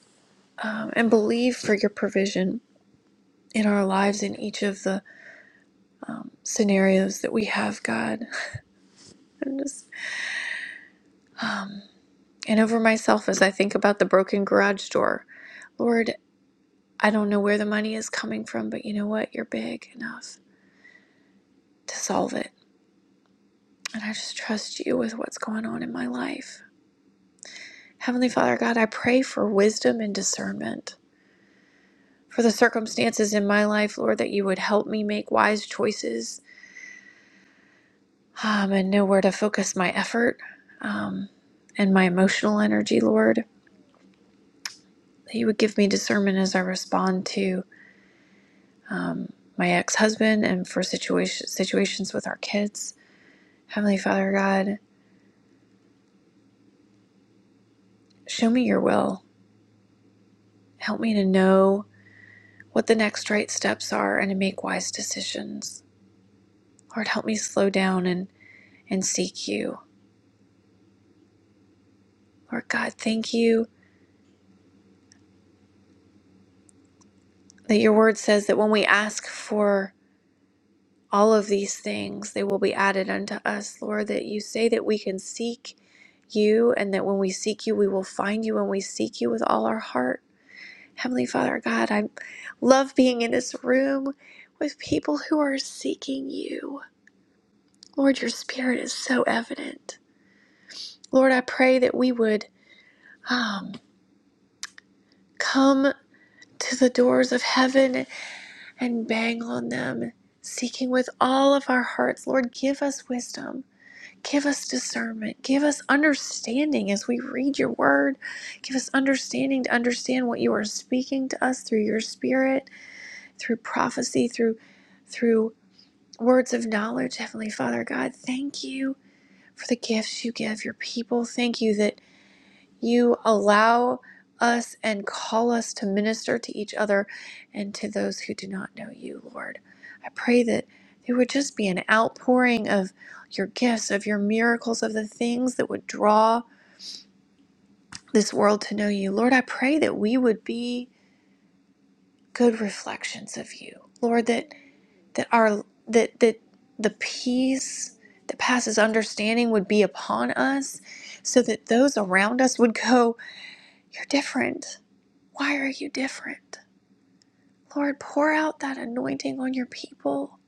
S18: um, and believe for your provision in our lives in each of the scenarios that we have, God. And, just, and over myself as I think about the broken garage door, Lord, I don't know where the money is coming from, but you know what? You're big enough to solve it. And I just trust you with what's going on in my life. Heavenly Father God, I pray for wisdom and discernment for the circumstances in my life, Lord, that you would help me make wise choices um, and know where to focus my effort um, and my emotional energy, Lord. That you would give me discernment as I respond to um, my ex husband and for situation, situations with our kids. Heavenly Father God, show me your will. Help me to know what the next right steps are and to make wise decisions. Lord, help me slow down and, and seek you. Lord God, thank you that your word says that when we ask for all of these things they will be added unto us lord that you say that we can seek you and that when we seek you we will find you and we seek you with all our heart heavenly father god i love being in this room with people who are seeking you lord your spirit is so evident lord i pray that we would um, come to the doors of heaven and bang on them seeking with all of our hearts lord give us wisdom Give us discernment. Give us understanding as we read your word. Give us understanding to understand what you are speaking to us through your spirit, through prophecy, through through words of knowledge. Heavenly Father God, thank you for the gifts you give your people. Thank you that you allow us and call us to minister to each other and to those who do not know you, Lord. I pray that there would just be an outpouring of your gifts, of your miracles, of the things that would draw this world to know you. Lord, I pray that we would be good reflections of you. Lord, that that our that that the peace that passes understanding would be upon us so that those around us would go, You're different. Why are you different? Lord, pour out that anointing on your people.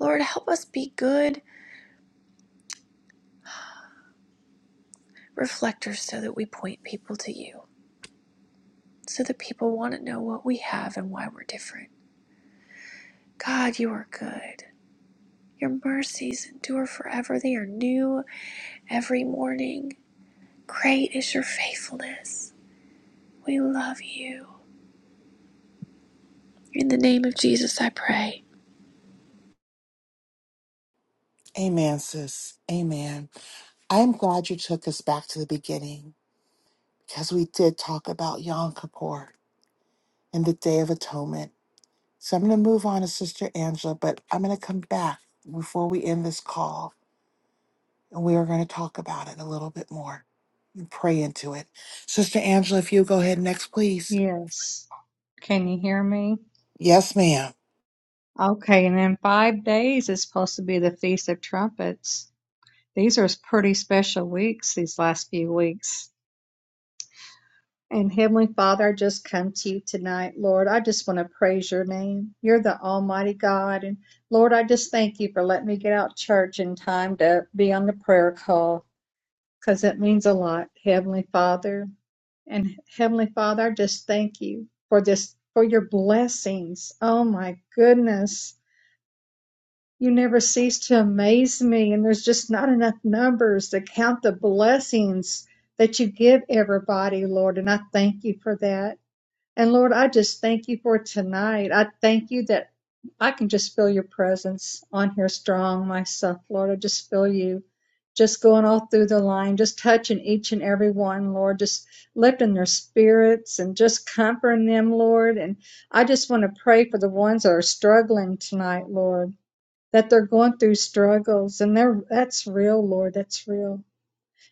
S18: Lord, help us be good reflectors so that we point people to you, so that people want to know what we have and why we're different. God, you are good. Your mercies endure forever, they are new every morning. Great is your faithfulness. We love you. In the name of Jesus, I pray.
S2: Amen, sis. Amen. I'm glad you took us back to the beginning because we did talk about Yom Kippur and the Day of Atonement. So I'm going to move on to Sister Angela, but I'm going to come back before we end this call and we are going to talk about it a little bit more and pray into it. Sister Angela, if you go ahead next, please.
S19: Yes. Can you hear me?
S2: Yes, ma'am.
S19: Okay, and in five days is supposed to be the Feast of Trumpets. These are pretty special weeks, these last few weeks. And Heavenly Father, I just come to you tonight, Lord. I just want to praise your name. You're the Almighty God. And Lord, I just thank you for letting me get out church in time to be on the prayer call because it means a lot, Heavenly Father. And Heavenly Father, I just thank you for this, for your blessings. Oh my goodness. You never cease to amaze me. And there's just not enough numbers to count the blessings that you give everybody, Lord. And I thank you for that. And Lord, I just thank you for tonight. I thank you that I can just feel your presence on here strong myself, Lord. I just feel you just going all through the line, just touching each and every one, Lord, just lifting their spirits and just comforting them, Lord. And I just want to pray for the ones that are struggling tonight, Lord, that they're going through struggles and they're that's real, Lord. That's real.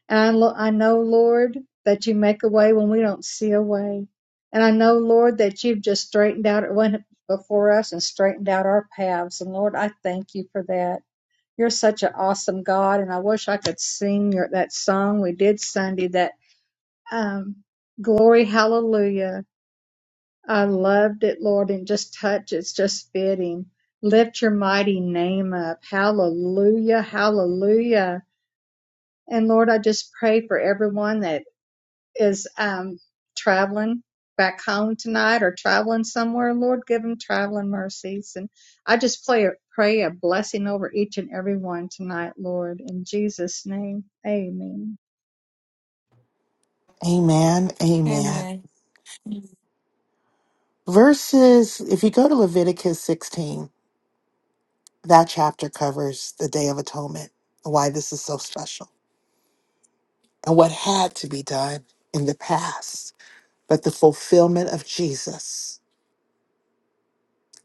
S19: And I, lo- I know, Lord, that you make a way when we don't see a way. And I know, Lord, that you've just straightened out, went before us and straightened out our paths. And Lord, I thank you for that. You're such an awesome God. And I wish I could sing your, that song we did Sunday, that um, Glory Hallelujah. I loved it, Lord, and just touch. It's just fitting. Lift your mighty name up. Hallelujah. Hallelujah. And Lord, I just pray for everyone that is um, traveling back home tonight or traveling somewhere, Lord, give them traveling mercies. And I just pray, pray a blessing over each and every one tonight, Lord. In Jesus' name, amen.
S2: Amen. Amen.
S11: amen
S2: Verses, if you go to Leviticus 16, that chapter covers the Day of Atonement why this is so special and what had to be done in the past but the fulfillment of Jesus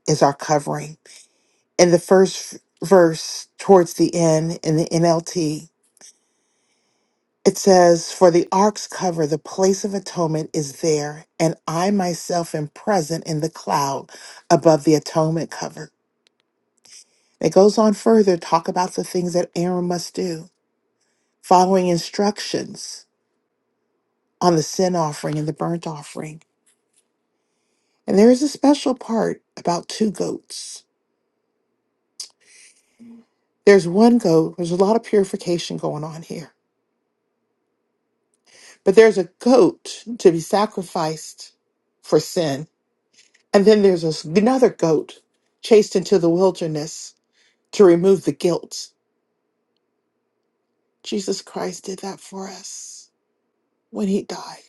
S2: is our covering. In the first verse, towards the end, in the NLT, it says, For the ark's cover, the place of atonement is there, and I myself am present in the cloud above the atonement cover. It goes on further, talk about the things that Aaron must do, following instructions on the sin offering and the burnt offering. And there is a special part about two goats. There's one goat. There's a lot of purification going on here. But there's a goat to be sacrificed for sin. And then there's this- another goat chased into the wilderness to remove the guilt. Jesus Christ did that for us when he died.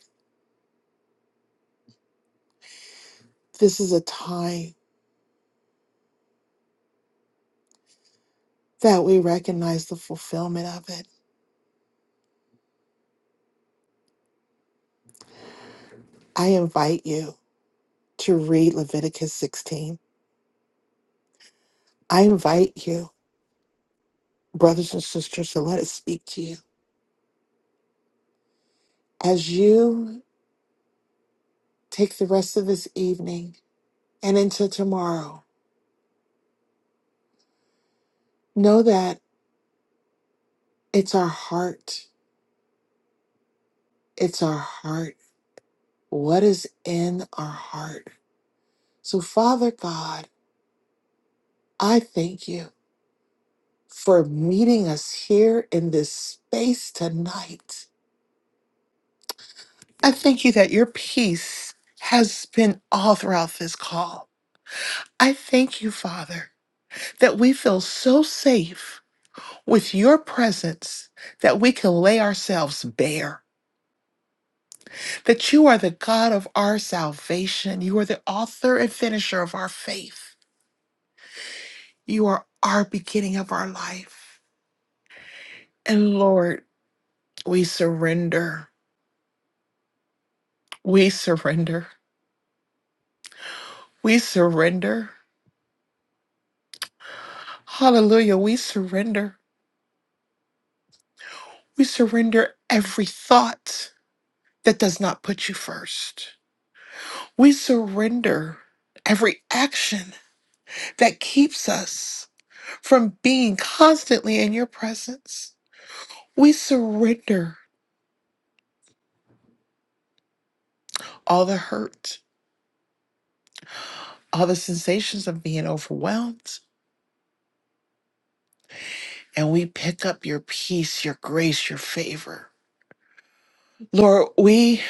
S2: This is a time that we recognize the fulfillment of it. I invite you to read Leviticus 16. I invite you, brothers and sisters, to let it speak to you. As you Take the rest of this evening and into tomorrow. Know that it's our heart. It's our heart. What is in our heart? So, Father God, I thank you for meeting us here in this space tonight. I thank you that your peace has been all throughout this call. I thank you, Father, that we feel so safe with your presence that we can lay ourselves bare that you are the God of our salvation. You are the author and finisher of our faith. You are our beginning of our life. And Lord, we surrender. We surrender. We surrender. Hallelujah. We surrender. We surrender every thought that does not put you first. We surrender every action that keeps us from being constantly in your presence. We surrender all the hurt, all the sensations of being overwhelmed. And we pick up your peace, your grace, your favor. Lord, we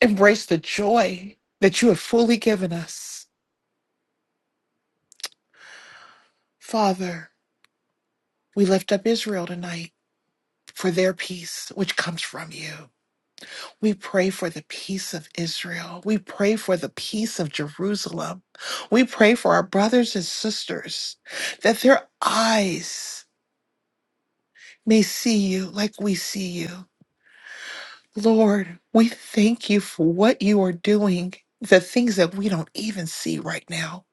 S2: embrace the joy that you have fully given us. Father, we lift up Israel tonight for their peace, which comes from you. We pray for the peace of Israel. We pray for the peace of Jerusalem. We pray for our brothers and sisters that their eyes may see you like we see you Lord, we thank you for what you are doing, the things that we don't even see right now.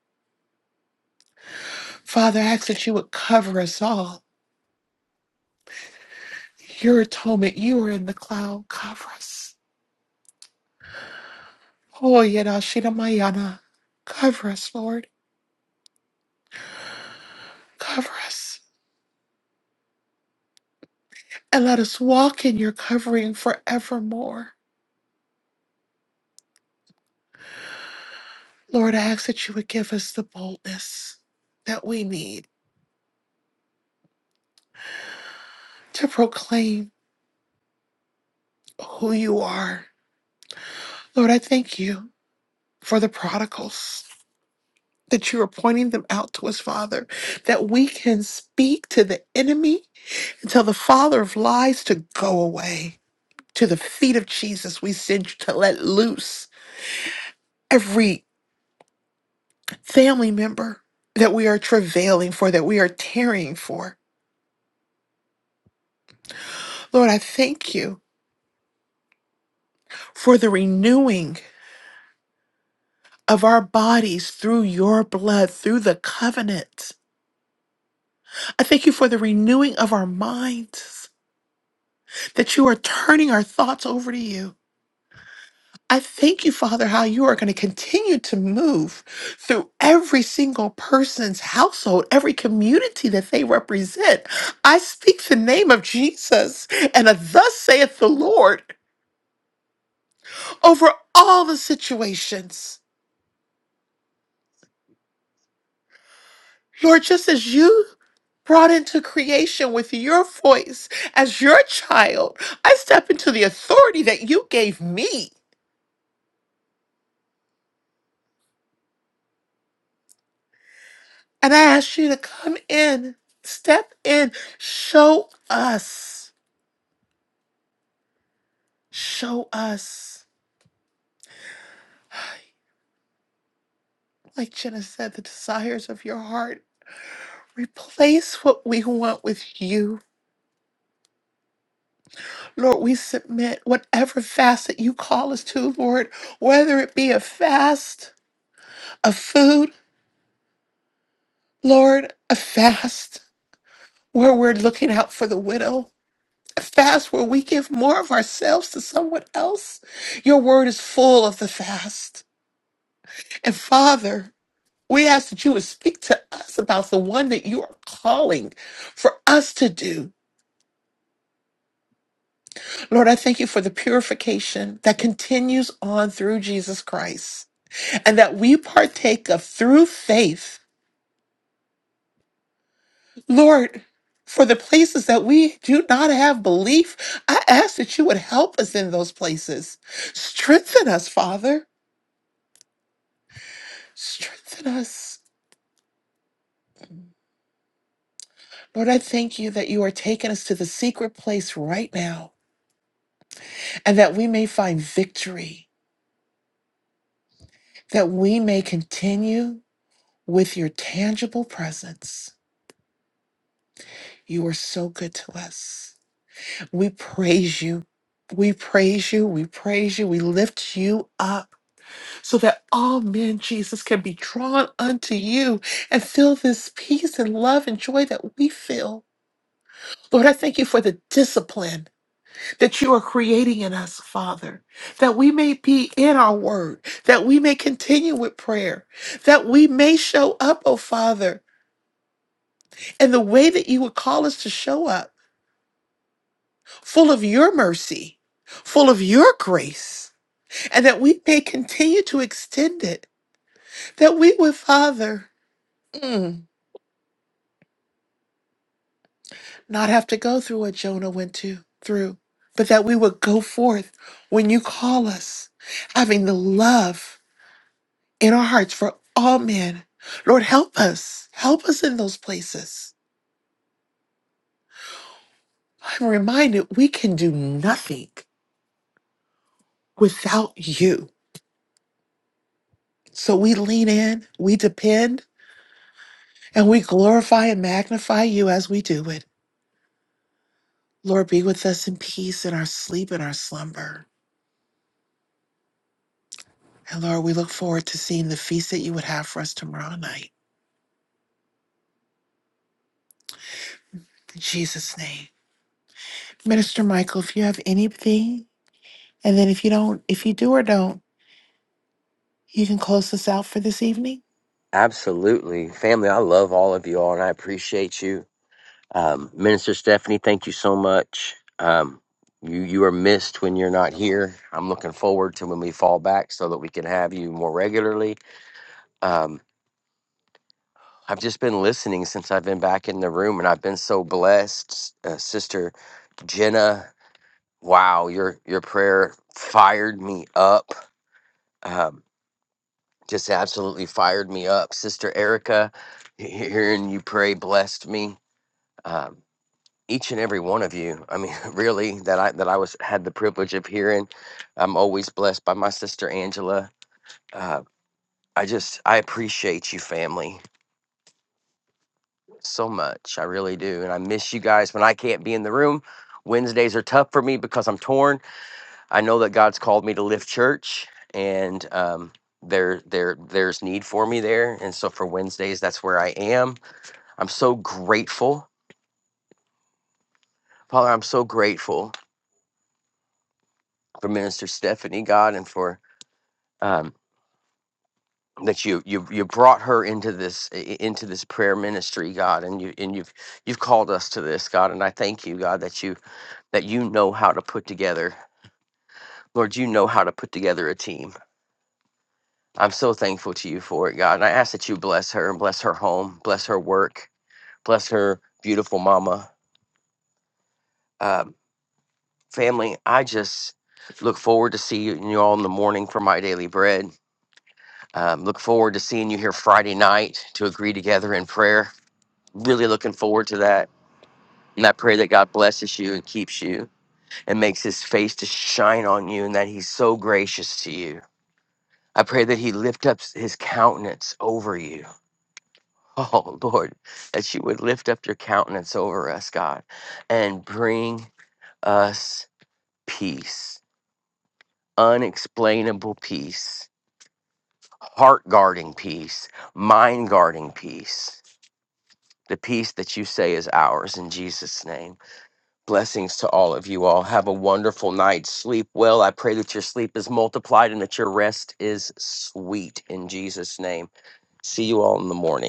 S2: Father, I ask that you would cover us all. Your atonement, you are in the cloud. Cover us. Oh, Yadashina Mayana. Cover us, Lord. Cover us. And let us walk in your covering forevermore. Lord, I ask that you would give us the boldness that we need to proclaim who you are. Lord, I thank you for the prodigals. that you are pointing them out to us, Father, that we can speak to the enemy and tell the father of lies to go away. To the feet of Jesus, we send you to let loose every family member that we are travailing for, that we are tarrying for. Lord, I thank you for the renewing of our bodies through your blood, through the covenant. I thank you for the renewing of our minds, that you are turning our thoughts over to you I thank you, Father, how you are going to continue to move through every single person's household, every community that they represent. I speak the name of Jesus and a thus saith the Lord over all the situations. Lord, just as you brought into creation with your voice as your child, I step into the authority that you gave me. And I ask you to come in, step in, show us. Show us, like Jenna said, the desires of your heart. Replace what we want with you. Lord, we submit whatever fast that you call us to, Lord, whether it be a fast of food, Lord, a fast where we're looking out for the widow, a fast where we give more of ourselves to someone else. Your word is full of the fast. And Father, We ask that you would speak to us about the one that you are calling for us to do. Lord, I thank you for the purification that continues on through Jesus Christ and that we partake of through faith. Lord, for the places that we do not have belief, I ask that you would help us in those places. Strengthen us, Father. Strengthen us. Lord, I thank you that you are taking us to the secret place right now and that we may find victory that we may continue with your tangible presence. You are so good to us. We praise you. We praise you. We praise you. We lift you up so that all men, Jesus, can be drawn unto you and feel this peace and love and joy that we feel. Lord, I thank you for the discipline that you are creating in us, Father, that we may be in our word, that we may continue with prayer, that we may show up, oh Father, and the way that you would call us to show up, full of your mercy, full of your grace, and that we may continue to extend it, that we would, Father, mm, not have to go through what Jonah went to through, but that we would go forth when you call us, having the love in our hearts for all men. Lord, help us. Help us in those places. I'm reminded we can do nothing without you. So we lean in, we depend, And we glorify and magnify you as we do it. Lord, be with us in peace in our sleep and our slumber. And Lord, we look forward to seeing the feast that you would have for us tomorrow night. In Jesus' name. Minister Michael, if you have anything, and then if you don't, if you do or don't, you can close us out for this evening.
S1: Absolutely. Family, I love all of you all and I appreciate you. Um, Minister Stephanie, thank you so much. Um, you you are missed when you're not here. I'm looking forward to when we fall back so that we can have you more regularly. Um, I've just been listening since I've been back in the room and I've been so blessed. Uh, Sister Jenna, wow, your your prayer fired me up. Um, just absolutely fired me up. Sister Erica, hearing you pray blessed me. Um, each and every one of you. I mean, really, that I that I was had the privilege of hearing. I'm always blessed by my sister Angela. Uh, I just I appreciate you, family, so much. I really do, and I miss you guys when I can't be in the room. Wednesdays are tough for me because I'm torn. I know that God's called me to lift church, and um, there there there's need for me there, and so for Wednesdays, that's where I am I'm so grateful, Father. I'm so grateful for Minister Stephanie, God, and for um, that you you you brought her into this i- into this prayer ministry, God, and you and you've you've called us to this, God, and I thank you, God, that you that you know how to put together, Lord, you know how to put together a team. I'm so thankful to you for it, God, and I ask that you bless her and bless her home, bless her work, bless her beautiful mama, um, family. I just look forward to seeing you all in the morning for my daily bread. Um, look forward to seeing you here Friday night to agree together in prayer. Really looking forward to that. And I pray that God blesses you and keeps you and makes his face to shine on you and that he's so gracious to you. I pray that he lift up his countenance over you. Oh, Lord, that you would lift up your countenance over us, God, and bring us peace, unexplainable peace, heart guarding peace, mind guarding peace the peace that you say is ours in Jesus' name. Blessings to all of you all. Have a wonderful night. Sleep well. I pray that your sleep is multiplied and that your rest is sweet in Jesus' name. See you all in the morning.